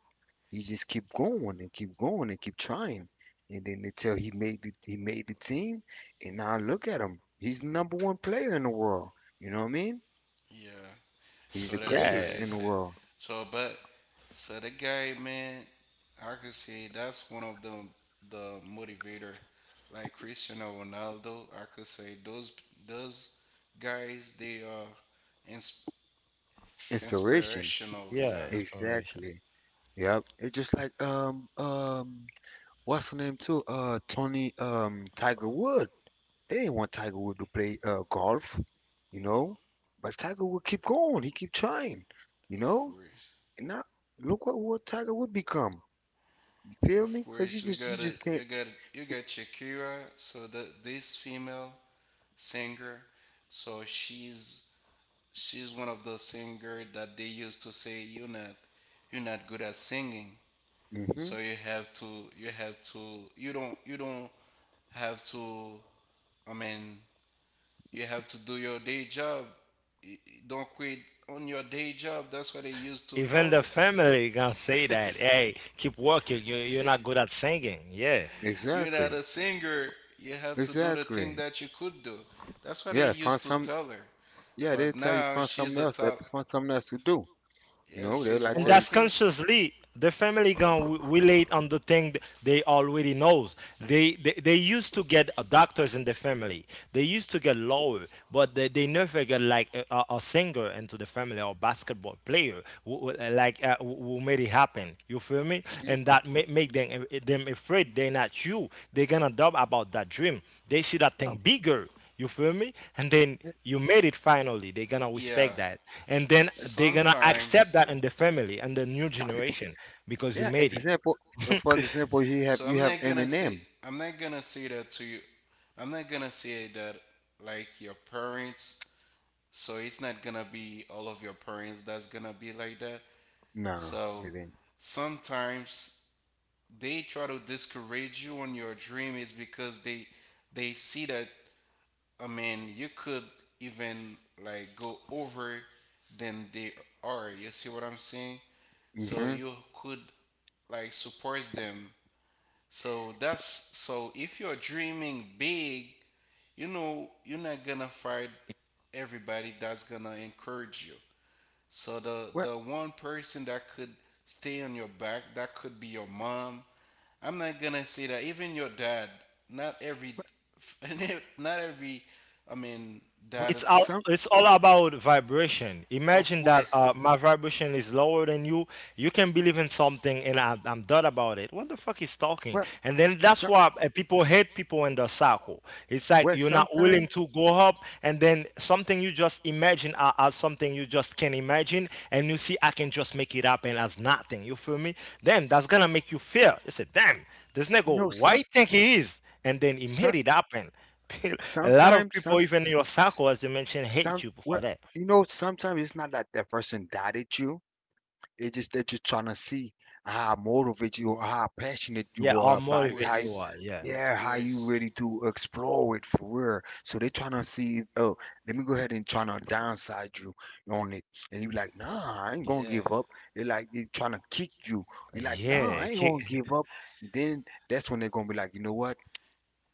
Speaker 2: He just kept going and keep trying. And then until he made the team, and now look at him. He's the number one player in the world. You know what I mean?
Speaker 3: yeah.
Speaker 2: He's the
Speaker 3: So that's why
Speaker 2: greatest
Speaker 1: yeah,
Speaker 3: they
Speaker 2: in the
Speaker 3: said.
Speaker 2: world.
Speaker 3: So, but so the guy, man, I could say that's one of the motivator. Like Cristiano Ronaldo, I could say those guys they are ins-
Speaker 2: Inspiration.
Speaker 3: inspirational. Yeah,
Speaker 1: yeah. Inspiration.
Speaker 2: Exactly. Yep. It's just like what's the name too? Tony Tiger Wood. They didn't want Tiger Wood to play golf, you know? But Tiger Wood keep going, he keep trying, you
Speaker 3: of
Speaker 2: know?
Speaker 3: course,
Speaker 2: And now look what Tiger Wood become. You feel
Speaker 3: of
Speaker 2: me? Cause he
Speaker 3: course. We
Speaker 2: just he
Speaker 3: got a
Speaker 2: just can't.
Speaker 3: you got Shakira. So the this female singer, so she's one of those singer that they used to say you're not good at singing.
Speaker 2: hmm
Speaker 3: So you have to you don't you don't have to I mean you have to do your day job. Don't quit on your day job. That's what they used to
Speaker 1: Even the
Speaker 3: tell
Speaker 1: family gonna say
Speaker 3: us.
Speaker 1: that, hey, keep working. You're not good at singing. Yeah,
Speaker 3: You're not
Speaker 2: Exactly.
Speaker 3: a singer. You have to do the thing
Speaker 2: Exactly.
Speaker 3: that you could do. That's what they
Speaker 2: Yeah, find
Speaker 3: used to
Speaker 2: some.
Speaker 3: tell her.
Speaker 2: Yeah, they
Speaker 3: But
Speaker 2: tell you
Speaker 3: now
Speaker 2: find
Speaker 3: she's
Speaker 2: something
Speaker 3: a
Speaker 2: else. That
Speaker 3: top.
Speaker 2: find something else to do.
Speaker 3: Yeah,
Speaker 2: No, they'll
Speaker 3: she's
Speaker 2: like
Speaker 1: and
Speaker 2: tell you.
Speaker 1: that's
Speaker 3: working.
Speaker 1: consciously. The family gonna relate on the thing they already know. They used to get doctors in the family. They used to get lawyer, but they never get like a singer into the family, or basketball player who made it happen. You feel me?
Speaker 2: hmm
Speaker 1: And that make them them afraid. They're not you. They're gonna doubt about that dream. They see that
Speaker 2: Yeah,
Speaker 1: thing bigger. You feel me? And then
Speaker 2: yeah.
Speaker 1: you made it finally. They're gonna
Speaker 3: Yeah,
Speaker 1: respect that. And then
Speaker 2: uh,
Speaker 1: they're gonna accept
Speaker 3: sometimes.
Speaker 1: that in the family and the new generation because you
Speaker 2: yeah,
Speaker 1: made it.
Speaker 2: Example. For example, you have
Speaker 3: So
Speaker 2: you have Eminem.
Speaker 3: I'm not gonna say that to you. I'm not gonna say that like your parents. So it's not gonna be all of your parents that's gonna be like that.
Speaker 2: No, it
Speaker 3: So
Speaker 2: ain't.
Speaker 3: sometimes they try to discourage you on your dream is because they see that, I mean, you could even like go over than they are. You see what I'm saying? So
Speaker 2: Mm-hmm.
Speaker 3: you could like support them. So that's so if you're dreaming big, you know you're not gonna find everybody that's gonna encourage you. So the
Speaker 2: Well,
Speaker 3: one person that could stay on your back, that could be your mom. I'm not gonna say that even your dad. Not every, not every. I mean,
Speaker 2: well,
Speaker 3: dad.
Speaker 1: It's
Speaker 2: some,
Speaker 1: all about vibration.
Speaker 3: Of
Speaker 1: Imagine that my vibration is lower than you. You can believe in something and I'm done about it, what the fuck is talking,
Speaker 2: well,
Speaker 1: and then that's
Speaker 2: some,
Speaker 1: why people hate people in the circle. It's like
Speaker 2: well,
Speaker 1: you're not
Speaker 2: sometimes,
Speaker 1: willing to go
Speaker 3: course,
Speaker 1: up, and then something you just imagine as something you just can imagine, and you see I can just make it happen as nothing. You feel me? Damn, that's
Speaker 2: s-
Speaker 1: gonna make you fear. You say, damn, this
Speaker 2: you
Speaker 1: nigga,
Speaker 2: know,
Speaker 1: why you think he is, and then he
Speaker 2: some,
Speaker 1: made it happen. A lot of
Speaker 2: sometimes,
Speaker 1: people, even in your circle, as you mentioned, hate
Speaker 2: some,
Speaker 1: you
Speaker 2: well,
Speaker 1: for that.
Speaker 2: you know, sometimes it's not that that person died at you. It's just that you're trying to see how motivated you are, how passionate
Speaker 1: Yeah,
Speaker 2: you are
Speaker 1: how
Speaker 3: of
Speaker 2: about it,
Speaker 1: motivate
Speaker 2: how.
Speaker 1: you
Speaker 3: course.
Speaker 1: are. Yeah.
Speaker 3: Of
Speaker 2: Yeah, how you
Speaker 3: course.
Speaker 2: ready to explore it for real. So they trying to see, oh, let me go ahead and trying to downside you on it. And you like, nah, I ain't gonna
Speaker 3: Yeah.
Speaker 2: give up. They like they trying to kick you. You like, nah,
Speaker 1: Yeah.
Speaker 2: I ain't gonna give up. And then that's when they're gonna be like, you know what?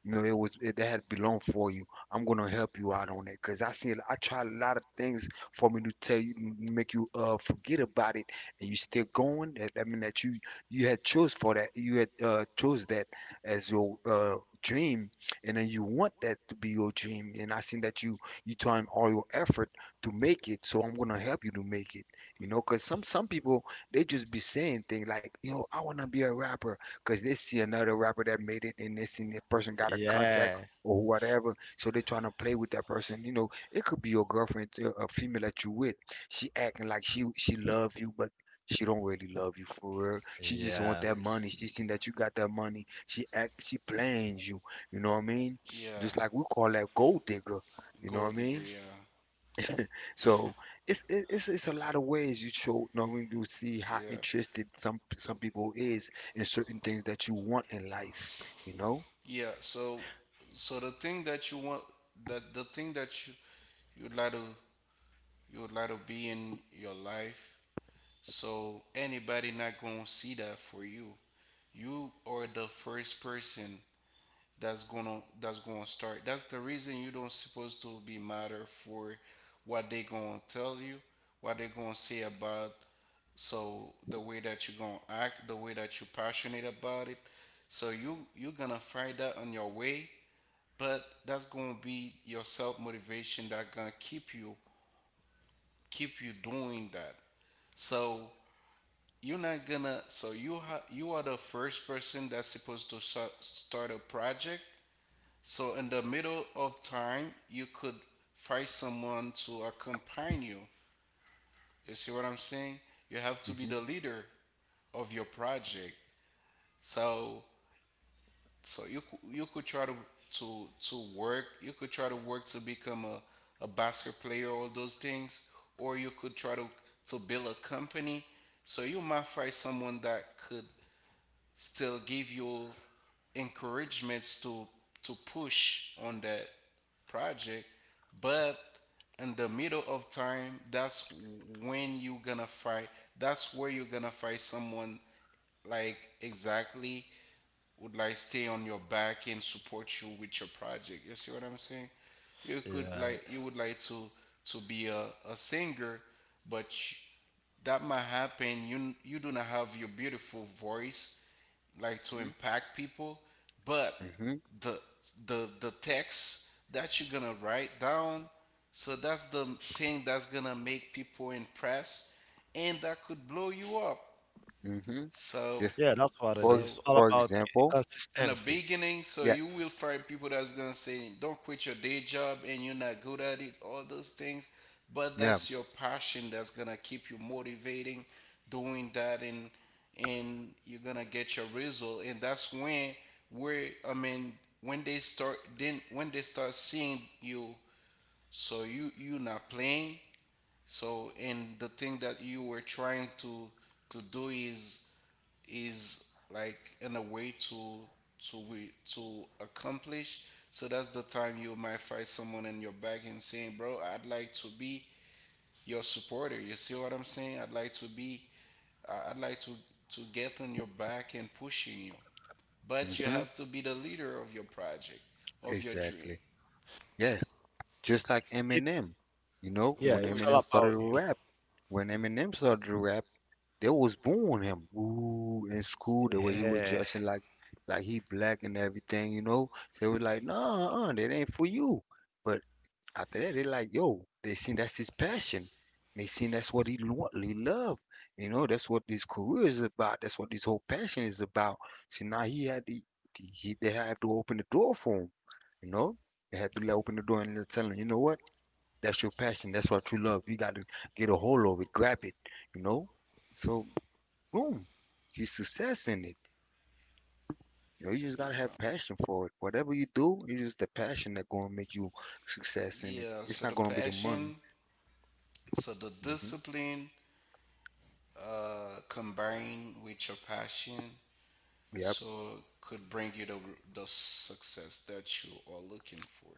Speaker 2: You know, it was it, that had belonged for you. I'm gonna help you out on it because I seen I tried a lot of things for me to tell you, make you forget about it, and you still going. That mean that you had chose for that, you had chose that as your dream, and then you want that to be your dream. And I seen that you trying all your effort to make it, so I'm gonna help you to make it. You know, because some people they just be saying things like, you know, I wanna be a rapper because they see another rapper that made it and they seen that person got a contact
Speaker 1: Yeah.
Speaker 2: or whatever. So they trying to play with that person. You know, it could be your girlfriend, a female that you with. She acting like she love you, but she don't really love you for real. She just
Speaker 3: Of
Speaker 2: want
Speaker 1: Yeah.
Speaker 2: that
Speaker 3: course.
Speaker 2: money. She seen that you got that money. She playing you. You know what I mean?
Speaker 3: Yeah.
Speaker 2: Just like we call that gold digger. You know what
Speaker 3: Gold
Speaker 2: I
Speaker 3: digger,
Speaker 2: mean?
Speaker 3: yeah.
Speaker 2: So it's it's a lot of ways you show knowing you see how
Speaker 3: Yeah.
Speaker 2: interested some people is in certain things that you want in life, you know?
Speaker 3: Yeah, so the thing that you want, that the thing that you you'd like to you would like to be in your life, so anybody not gonna see that for you. You are the first person that's gonna start. That's the reason you don't supposed to be matter for what they gonna tell you, what they gonna say about. So the way that you gonna act, the way that you passionate about it, so you gonna find that on your way. But that's gonna be your self motivation that gonna keep you doing that. So you're not gonna so you ha- you are the first person that's supposed to start a project. So in the middle of time you could find someone to accompany you. You see what I'm saying? You have to be
Speaker 2: Mm-hmm,
Speaker 3: the leader of your project. So you could try to work. You could try to work to become a basketball player, all those things. Or you could try to build a company. So you might find someone that could still give you encouragements to push on that project. But in the middle of time, when you're gonna fight that's where you're gonna fight someone, like exactly, would like stay on your back and support you with your project. You see what I'm saying? You could
Speaker 1: Yeah.
Speaker 3: like you would like to be a singer. But that might happen, you do not have your beautiful voice like to
Speaker 2: mm-hmm,
Speaker 3: impact people. But
Speaker 2: mm-hmm.
Speaker 3: the text that you're gonna write down, so that's the thing that's gonna make people impressed, and that could blow you up.
Speaker 2: Mm-hmm.
Speaker 3: So
Speaker 2: Just
Speaker 1: Yeah, that's what it is.
Speaker 3: so
Speaker 1: It's all
Speaker 2: for
Speaker 1: about
Speaker 2: example,
Speaker 3: in the
Speaker 1: consistency.
Speaker 3: beginning, so
Speaker 2: yeah,
Speaker 3: you will find people that's gonna say, "Don't quit your day job and you're not good at it," all those things. But
Speaker 2: yeah,
Speaker 3: that's your passion that's gonna keep you motivating, doing that, and you're gonna get your result. And that's when where, I mean, when they start seeing you, so you are not playing. So, and the thing that you were trying to do is like in a way to to accomplish. So that's the time you might find someone in your back and saying, "Bro, I'd like to be your supporter." You see what I'm saying? I'd like to be. I'd like to get on your back and pushing you. But you
Speaker 2: hmm
Speaker 3: have to be the leader of your project, of your dream.
Speaker 2: exactly. Yeah, just like
Speaker 1: It,
Speaker 2: Eminem. You know,
Speaker 1: yeah,
Speaker 3: Of
Speaker 2: when
Speaker 1: it's all
Speaker 2: Eminem
Speaker 3: course.
Speaker 2: started
Speaker 1: about
Speaker 2: to
Speaker 1: you.
Speaker 2: rap, when Eminem started to rap, they was booing him. Ooh, in school, the way he was
Speaker 1: Yeah.
Speaker 2: dressing, like he black and everything. You know, so they was like, nah, that ain't for you. But after that, they like, yo, they seen that's his passion. They seen that's what he want, he love. You know, that's what his career is about. That's what his whole passion is about. See, now he had the he they have to open the door for him. You know, they had to let open the door and let tell him, you know what? That's your passion. That's what you love. You got to get a hold of it, grab it. You know, so boom, he's success in it. You know, you just gotta have
Speaker 3: Yeah.
Speaker 2: passion for it. Whatever you do, it's just the passion that gonna make you success in it.
Speaker 3: Yeah,
Speaker 2: It's not gonna be the money.
Speaker 3: so the
Speaker 2: Mhm.
Speaker 3: discipline combined with your passion,
Speaker 2: Yep.
Speaker 3: so could bring you the success that you are looking for.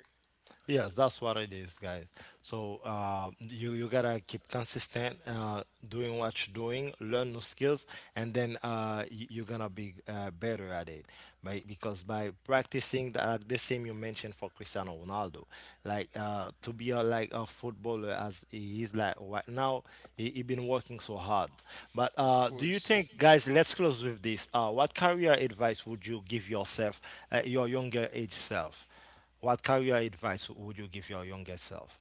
Speaker 1: Yes, that's what it is, guys. So you gotta keep consistent, doing what you're doing, learn new skills, and then you're gonna be better at it. By, because by practicing like the same you mentioned for Cristiano Ronaldo, like to be like a footballer as he is like right now, he been working so hard. But
Speaker 3: Of
Speaker 1: do you
Speaker 3: course.
Speaker 1: think, guys? Let's close with this. What career advice would you give yourself, your younger age self? What career advice would you give your younger self?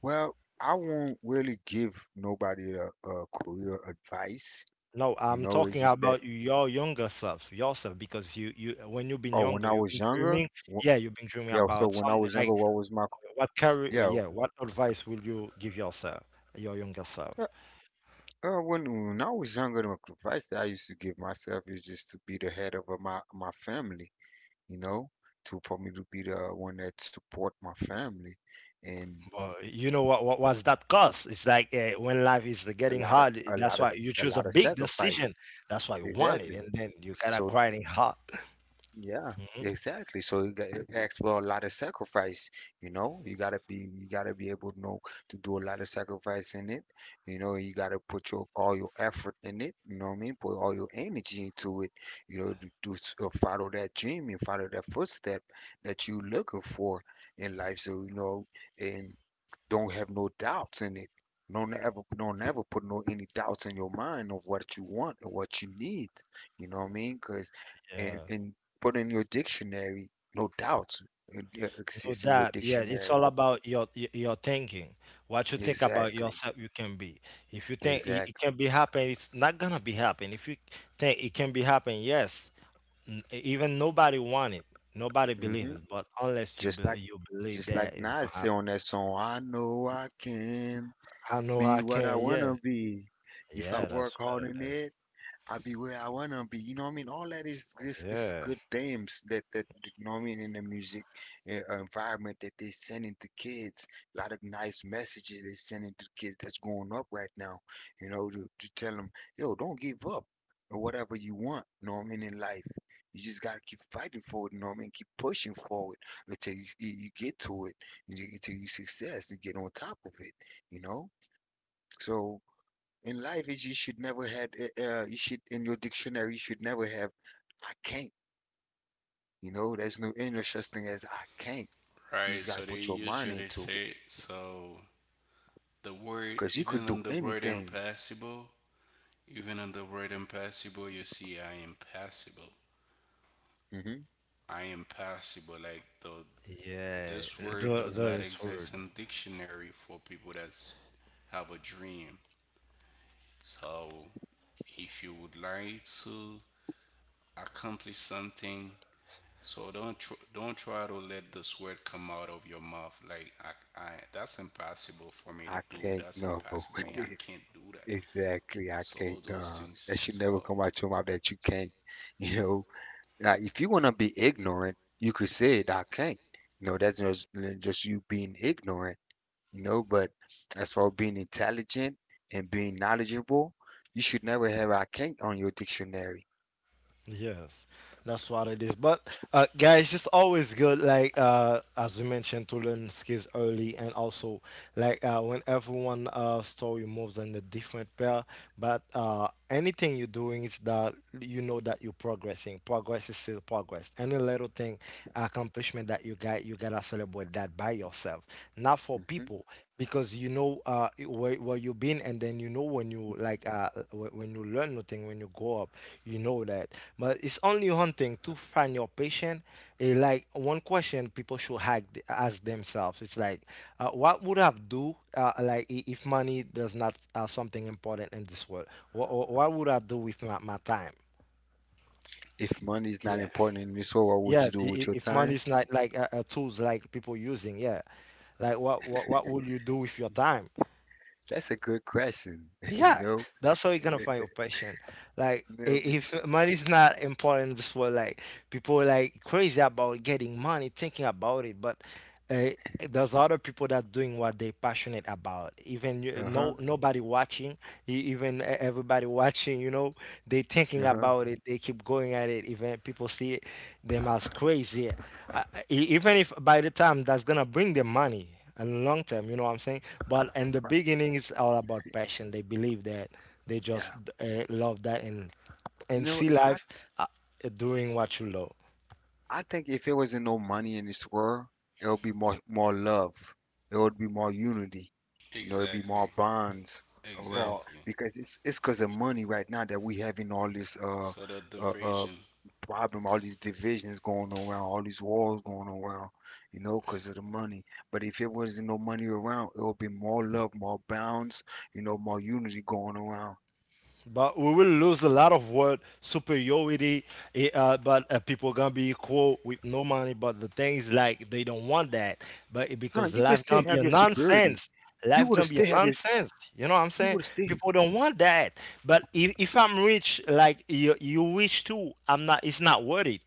Speaker 2: Well, I won't really give nobody a career advice.
Speaker 1: No,
Speaker 2: You
Speaker 1: I'm
Speaker 2: know, it's
Speaker 1: talking
Speaker 2: just that,
Speaker 1: about your younger self, yourself, because you when you've been
Speaker 2: oh, when
Speaker 1: younger,
Speaker 2: I
Speaker 1: you've
Speaker 2: was
Speaker 1: been
Speaker 2: younger,
Speaker 1: dreaming.
Speaker 2: wh-
Speaker 1: Yeah, you've been dreaming
Speaker 2: yeah, so
Speaker 1: about
Speaker 2: when I
Speaker 1: something,
Speaker 2: was
Speaker 1: like
Speaker 2: younger, what was my,
Speaker 1: what career,
Speaker 2: yeah,
Speaker 1: yeah, what advice will you give yourself, your younger self?
Speaker 2: uh, when I was younger, the advice that I used to give myself is just to be the head of my, my family, you know, to, for me to be the one that support my family. And
Speaker 1: But you know what was that cost? It's like when life is
Speaker 2: a
Speaker 1: getting
Speaker 2: lot of
Speaker 1: hard,
Speaker 2: a
Speaker 1: that's
Speaker 2: lot of
Speaker 1: why you
Speaker 2: a
Speaker 1: choose a
Speaker 2: lot of
Speaker 1: big
Speaker 2: sacrifice,
Speaker 1: decision. That's why you want it,
Speaker 2: exactly,
Speaker 1: and then you gotta
Speaker 2: so
Speaker 1: grinding hard.
Speaker 2: yeah,
Speaker 1: Mhm.
Speaker 2: exactly, so it asks for a lot of sacrifice. You know, you gotta be able to know to do a lot of sacrifice in it. You know, you gotta put your all your effort in it, you know what I mean, put all your energy into it. You know, to follow that dream and follow that footstep that you looking for in life, so you know. And don't have no doubts in it. Don't ever put no any doubts in your mind of what you want and what you need. You know what I mean? Cause and
Speaker 1: Yeah.
Speaker 2: and put in your dictionary, no doubts it
Speaker 1: No
Speaker 2: exists in your
Speaker 1: doubt, yeah, it's
Speaker 2: dictionary.
Speaker 1: all about your your thinking. What you think about
Speaker 2: Exactly,
Speaker 1: yourself, you can be. If you think it, it
Speaker 2: exactly.
Speaker 1: can be happen, it's not gonna be happen. If you think it can be happen, yes. Even nobody want it, nobody
Speaker 2: hmm
Speaker 1: believes. But unless
Speaker 2: Just like
Speaker 1: you believe that it's
Speaker 2: Nas
Speaker 1: gonna
Speaker 2: say
Speaker 1: happen,
Speaker 2: on that song, I know I can
Speaker 1: I know
Speaker 2: be
Speaker 1: I
Speaker 2: what I
Speaker 1: can. Yeah,
Speaker 2: wanna be if I
Speaker 1: yeah,
Speaker 2: work
Speaker 1: that's
Speaker 2: hard
Speaker 1: what
Speaker 2: in
Speaker 1: it is.
Speaker 2: it. I be where I wanna be. You know what I mean? All that is this is
Speaker 1: Yeah,
Speaker 2: good themes that that you know what I mean in the music environment that they sending to kids. A lot of nice messages they sending to kids that's growing up right now. You know, to tell them, yo, don't give up or whatever you want. You know what I mean in life. You just gotta keep fighting for it. You know what I mean? Keep pushing forward until you get to it. Until you see success and get on top of it. You know. So. In life, is you should never had you should in your dictionary you should never have I can't. You know, there's no any such thing as I can't. You just
Speaker 3: Right,
Speaker 2: gotta
Speaker 3: so they
Speaker 2: put your mind
Speaker 3: usually
Speaker 2: into it
Speaker 3: say, so the word,
Speaker 2: because you could do anything.
Speaker 3: even in the word impassable, you see, I am passable.
Speaker 2: hmm
Speaker 3: I am passable. Like the
Speaker 1: yeah,
Speaker 3: this word
Speaker 1: the,
Speaker 3: does
Speaker 1: that
Speaker 3: not
Speaker 1: is word.
Speaker 3: exist in dictionary for people that have a dream. So if you would like to accomplish something, so don't don't try to let this word come out of your mouth, like I that's impossible for me to
Speaker 2: I
Speaker 3: do.
Speaker 2: can't.
Speaker 3: That's
Speaker 2: No,
Speaker 3: impossible, and I can't do that.
Speaker 2: exactly. I
Speaker 3: So
Speaker 2: can't.
Speaker 3: all those things.
Speaker 2: That should
Speaker 3: So
Speaker 2: never come out your mouth that you can't. You know, now if you wanna be ignorant, you could say it. I can't. You know, that's just you being ignorant, you know. But as for being intelligent and being knowledgeable, you should never have I can't on your dictionary.
Speaker 1: Yes, that's what it is. But guys, it's always good, like as we mentioned, to learn skills early, and also like when everyone story moves in a different pair. But anything you're doing is that you know that you're progressing. Progress is still progress. Any little thing, accomplishment that you got, you gotta celebrate that by yourself, not for
Speaker 2: Mhm.
Speaker 1: people, because you know where you've been, and then you know when you like when you learn nothing when you grow up. You know that. But it's only one thing to find your passion. Like, one question people should ask themselves, it's like what would have do if money does not something important in this world, what would I do with my, my time?
Speaker 2: If money is not
Speaker 1: Yeah,
Speaker 2: important in this world, what would you
Speaker 1: yes,
Speaker 2: do with your
Speaker 1: if money
Speaker 2: time?
Speaker 1: is not like a tools like people using, yeah, like what would you do with your time?
Speaker 2: That's a good question, you
Speaker 1: Yeah,
Speaker 2: know.
Speaker 1: that's how you're gonna
Speaker 2: You
Speaker 1: find your passion. Like,
Speaker 2: know,
Speaker 1: if money's not important in this world, like people are like crazy about getting money, thinking about it, but uh, there's other people that doing what they're passionate about. Even you,
Speaker 2: uh huh,
Speaker 1: no nobody watching, even everybody watching, you know, they thinking
Speaker 2: uh huh.
Speaker 1: about it. They keep going at it. Even people see them as crazy, uh, even if by the time that's gonna bring them money. And long term, you know what I'm saying? But in the beginning, it's all about passion. They believe that they just
Speaker 2: Yeah,
Speaker 1: love that, and
Speaker 2: you know,
Speaker 1: see life, uh, doing what you love.
Speaker 2: I think if it wasn't no money in this world, it would be more love. It would be more unity. You know, it'd be
Speaker 3: exactly,
Speaker 2: more bonds around
Speaker 1: But
Speaker 3: exactly.
Speaker 2: because it's because of money right now that we having all this
Speaker 3: So the
Speaker 2: uh, uh
Speaker 3: diversion,
Speaker 2: problem, all these divisions going around, all these wars going around. You know, because of the money. But if it wasn't no money around, it would be more love, more bonds. You know, more unity going around.
Speaker 1: But we will lose a lot of word superiority. Eh, but People gonna be equal with no money. But the thing is, like they don't want that. But it-
Speaker 2: No,
Speaker 1: because
Speaker 2: you could
Speaker 1: life
Speaker 2: still
Speaker 1: gonna be
Speaker 2: have
Speaker 1: a
Speaker 2: your superiority.
Speaker 1: nonsense.
Speaker 2: You
Speaker 1: Life
Speaker 2: would
Speaker 1: gonna be
Speaker 2: still
Speaker 1: a
Speaker 2: have your
Speaker 1: nonsense. You know what I'm
Speaker 2: you
Speaker 1: saying?
Speaker 2: would still.
Speaker 1: People don't want that. But if I'm rich, like you wish too, I'm not. It's not worth it.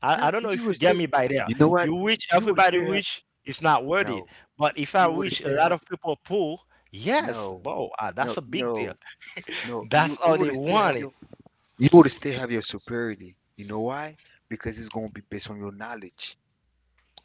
Speaker 1: I
Speaker 2: Nah,
Speaker 1: don't know
Speaker 2: you
Speaker 1: if you
Speaker 2: would
Speaker 1: get
Speaker 2: still.
Speaker 1: me by there.
Speaker 2: You know what?
Speaker 1: You wish
Speaker 2: You would
Speaker 1: everybody
Speaker 2: still have.
Speaker 1: wish it's not worth it.
Speaker 2: No,
Speaker 1: But if I
Speaker 2: you would
Speaker 1: wish a
Speaker 2: still
Speaker 1: lot
Speaker 2: have.
Speaker 1: of people pull, yes,
Speaker 2: No,
Speaker 1: bro, that's
Speaker 2: no,
Speaker 1: a big deal.
Speaker 2: no, no.
Speaker 1: That's
Speaker 2: You
Speaker 1: all they
Speaker 2: would still have
Speaker 1: wanted.
Speaker 2: your. You would still have your superiority. You know why? Because it's gonna be based on your knowledge.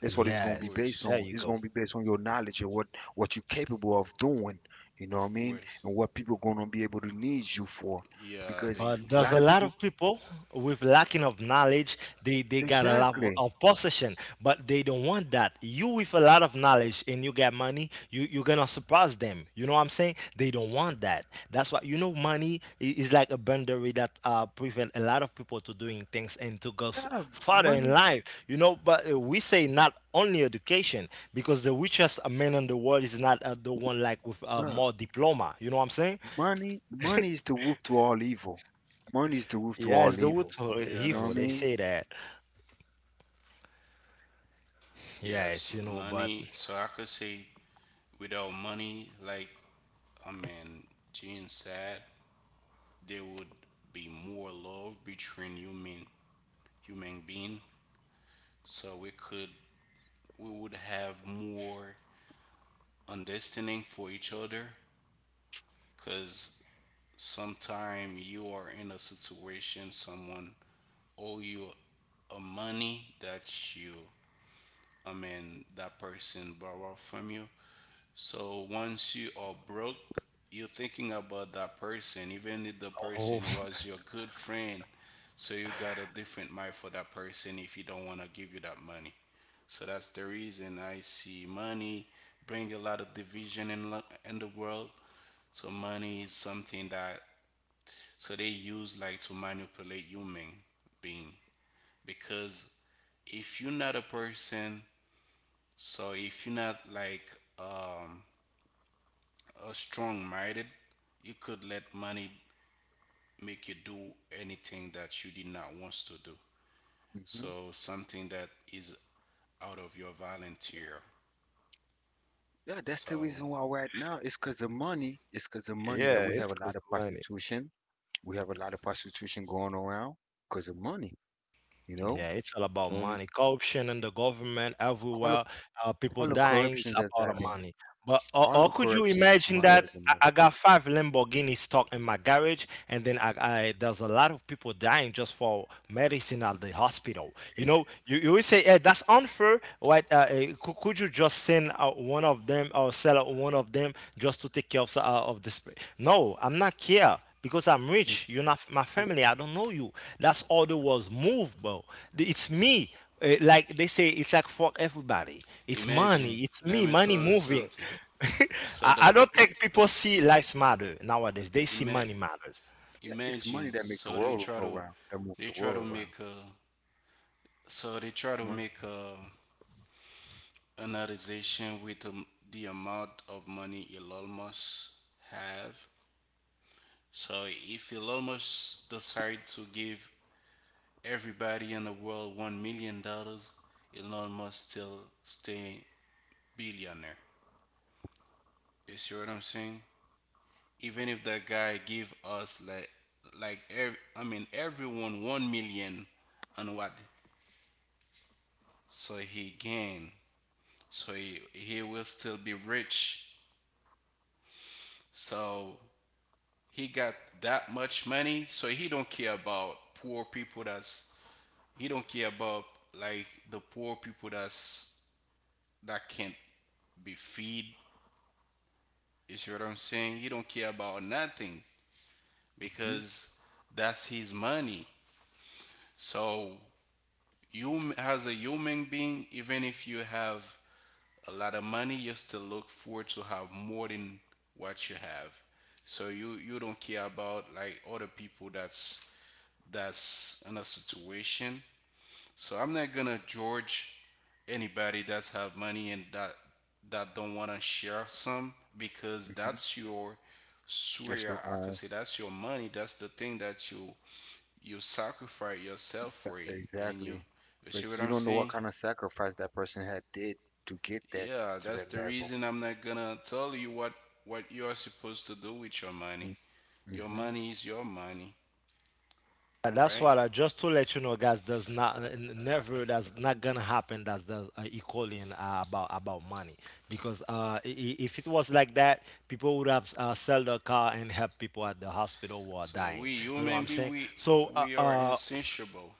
Speaker 2: That's what it's
Speaker 3: of
Speaker 2: gonna
Speaker 1: Yes,
Speaker 2: be based
Speaker 1: there
Speaker 3: course,
Speaker 2: on.
Speaker 1: you
Speaker 2: It's
Speaker 1: go.
Speaker 2: gonna be based on your knowledge and what you're capable of doing. You know what
Speaker 3: of
Speaker 2: I mean?
Speaker 3: course.
Speaker 2: And what people gonna be able to need you for.
Speaker 3: Yeah,
Speaker 2: Because
Speaker 3: they.
Speaker 1: But
Speaker 2: a
Speaker 1: there's
Speaker 2: lot
Speaker 1: a
Speaker 2: of
Speaker 1: lot
Speaker 2: people.
Speaker 1: of people with lacking of knowledge. They got a lot
Speaker 2: Exactly.
Speaker 1: of possession, but they don't want that. You with a lot of knowledge and you got money, you're gonna surprise them. You know what I'm saying? They don't want that. That's why you know money is like a boundary that prevent a lot of people to doing things and to go
Speaker 2: Yeah,
Speaker 1: further in
Speaker 2: money,
Speaker 1: life. You know, but we say not only education, because the richest man in the world is not the one like with
Speaker 2: bruh.
Speaker 1: more diploma. You know what I'm saying?
Speaker 2: Money is the root to all evil. Money is the root to
Speaker 1: Yeah, it's
Speaker 2: all
Speaker 1: the wood
Speaker 2: evil.
Speaker 1: or
Speaker 3: Yeah,
Speaker 2: You know what I
Speaker 1: evil.
Speaker 3: that's
Speaker 1: They
Speaker 2: mean?
Speaker 1: say that. Yeah, it's
Speaker 3: yes.
Speaker 1: you know, but
Speaker 3: Money. So I could say without money, like, I mean, Jane said, there would be more love between human being, so we would have more understanding for each other. Cause sometime you are in a situation, someone owe you a money that you I mean that person borrow from you. So once you are broke, you're thinking about that person, even if the person
Speaker 1: oh,
Speaker 3: was your good friend. So you got a different mind for that person if you don't want to give you that money. So that's the reason I see money bring a lot of division in in the world. So money is something that so they use like to manipulate human being. Because if you're not a person, so if you're not like um strong minded, you could let money make you do anything that you did not want to do.
Speaker 2: hmm
Speaker 3: So something that is out of your volunteer.
Speaker 2: Yeah, that's the
Speaker 3: So
Speaker 2: reason why right now it's because of money. It's because of money that
Speaker 1: yeah,
Speaker 2: we
Speaker 1: it's
Speaker 2: have a lot
Speaker 1: because
Speaker 2: of
Speaker 1: of money.
Speaker 2: prostitution. We have a lot of prostitution going around because of money. You know,
Speaker 1: Yeah, it's all about
Speaker 2: and
Speaker 1: money. Corruption and
Speaker 2: it-
Speaker 1: the government
Speaker 2: all the
Speaker 1: everywhere. People dying is
Speaker 2: corruption that's
Speaker 1: about the
Speaker 2: happening,
Speaker 1: money. But
Speaker 2: all
Speaker 1: or
Speaker 2: the
Speaker 1: could you
Speaker 2: corruption is
Speaker 1: imagine
Speaker 2: money because
Speaker 1: that
Speaker 2: of
Speaker 1: I
Speaker 2: money.
Speaker 1: got five Lamborghini stuck in my garage, and then I there's a lot of people dying just for medicine at the hospital. You know,
Speaker 2: It's,
Speaker 1: you will say, "Hey, that's unfair." Right? Could you just send out one of them or sell out one of them just to take care of of this? No, I'm not care because I'm
Speaker 2: it's,
Speaker 1: rich. You're not my
Speaker 2: it's,
Speaker 1: family. I don't know you. That's all the was move, bro. It's me. Like they say, it's like for everybody. It's
Speaker 3: imagine,
Speaker 1: money. It's
Speaker 3: let
Speaker 1: me.
Speaker 3: me
Speaker 1: Money
Speaker 3: tell you
Speaker 1: moving.
Speaker 3: something. So
Speaker 1: I don't think people see lives matter nowadays. They see
Speaker 3: ima-
Speaker 1: money matters.
Speaker 2: yeah, it's money
Speaker 3: imagine,
Speaker 2: that makes the
Speaker 3: so
Speaker 2: world go round, that moves
Speaker 3: they
Speaker 2: the
Speaker 3: try to
Speaker 2: world around. Money.
Speaker 3: make a an organization with the amount of money Elon Musk have. So if Elon Musk decide to give everybody in the world $1 million, Elon Musk still stay billionaire. You see what I'm saying? Even if that guy give us like I mean everyone 1 million, and what so he gain so he will still be rich. So he got that much money, so he don't care about poor people that's He don't care about like the poor people that can't be feed. You see what I'm saying? He don't care about nothing
Speaker 2: hmm
Speaker 3: because that's his money. So you as a human being, even if you have a lot of money, you still look forward to have more than what you have. So you don't care about like other people that's in a situation. So I'm not gonna judge anybody that's have money and that don't want to share some, because
Speaker 2: hmm
Speaker 3: that's your
Speaker 2: That's
Speaker 3: swear,
Speaker 2: the.
Speaker 3: I could say that's your money, that's the thing that you sacrifice yourself for it, and
Speaker 2: Exactly.
Speaker 3: you see
Speaker 2: Because
Speaker 3: what
Speaker 2: you
Speaker 3: I'm
Speaker 2: don't know what
Speaker 3: saying.
Speaker 2: kind of sacrifice that person had did to get that
Speaker 3: Yeah,
Speaker 2: to
Speaker 3: that's
Speaker 2: that
Speaker 3: the
Speaker 2: level.
Speaker 3: reason I'm not gonna tell you what you are supposed to do with your money.
Speaker 2: Mm,
Speaker 3: Your
Speaker 2: mm-hmm.
Speaker 3: money is your money.
Speaker 1: That's
Speaker 3: Right.
Speaker 1: why I just to let you know, guys. Does not never. That's not gonna happen. That's the equaling about money. Because if it was like that, people would have sell their car and help people at the hospital who are
Speaker 3: So
Speaker 1: dying.
Speaker 3: we
Speaker 1: You know what
Speaker 3: human
Speaker 1: I'm
Speaker 3: being,
Speaker 1: saying? So uh,
Speaker 3: we are
Speaker 1: uh,
Speaker 3: insatiable.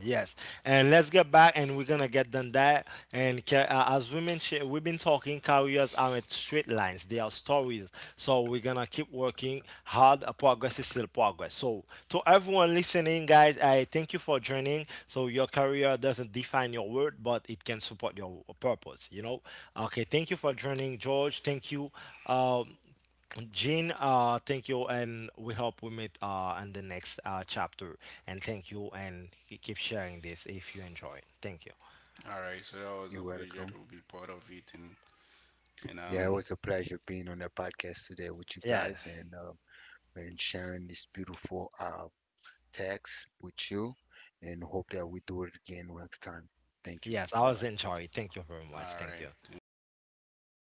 Speaker 1: Yes, and let's get back, and we're gonna get done that. And as women, we've been talking, careers aren't straight lines; they are stories. So we're gonna keep working hard. Progress is still progress. So to everyone listening, guys, I thank you for joining. So your career doesn't define your worth, but it can support your purpose. You know. Okay, thank you for joining, George. Thank you. Um, Jean, thank you, and we hope we meet in the next chapter. And thank you, and keep sharing this if you enjoy. Thank you.
Speaker 3: All right. So that was a
Speaker 2: You're
Speaker 3: pleasure to
Speaker 2: welcome.
Speaker 3: be part of it, and and
Speaker 2: Yeah, it was
Speaker 3: um.
Speaker 2: a pleasure being on the podcast today with you guys
Speaker 1: Yes,
Speaker 2: and sharing this beautiful text with you. And hope that we do it again next time. Thank you.
Speaker 1: yes, I
Speaker 2: Bye
Speaker 1: was
Speaker 2: bye.
Speaker 1: enjoying. Thank you very much.
Speaker 3: All
Speaker 1: Thank
Speaker 3: right.
Speaker 1: you.
Speaker 3: Thank you.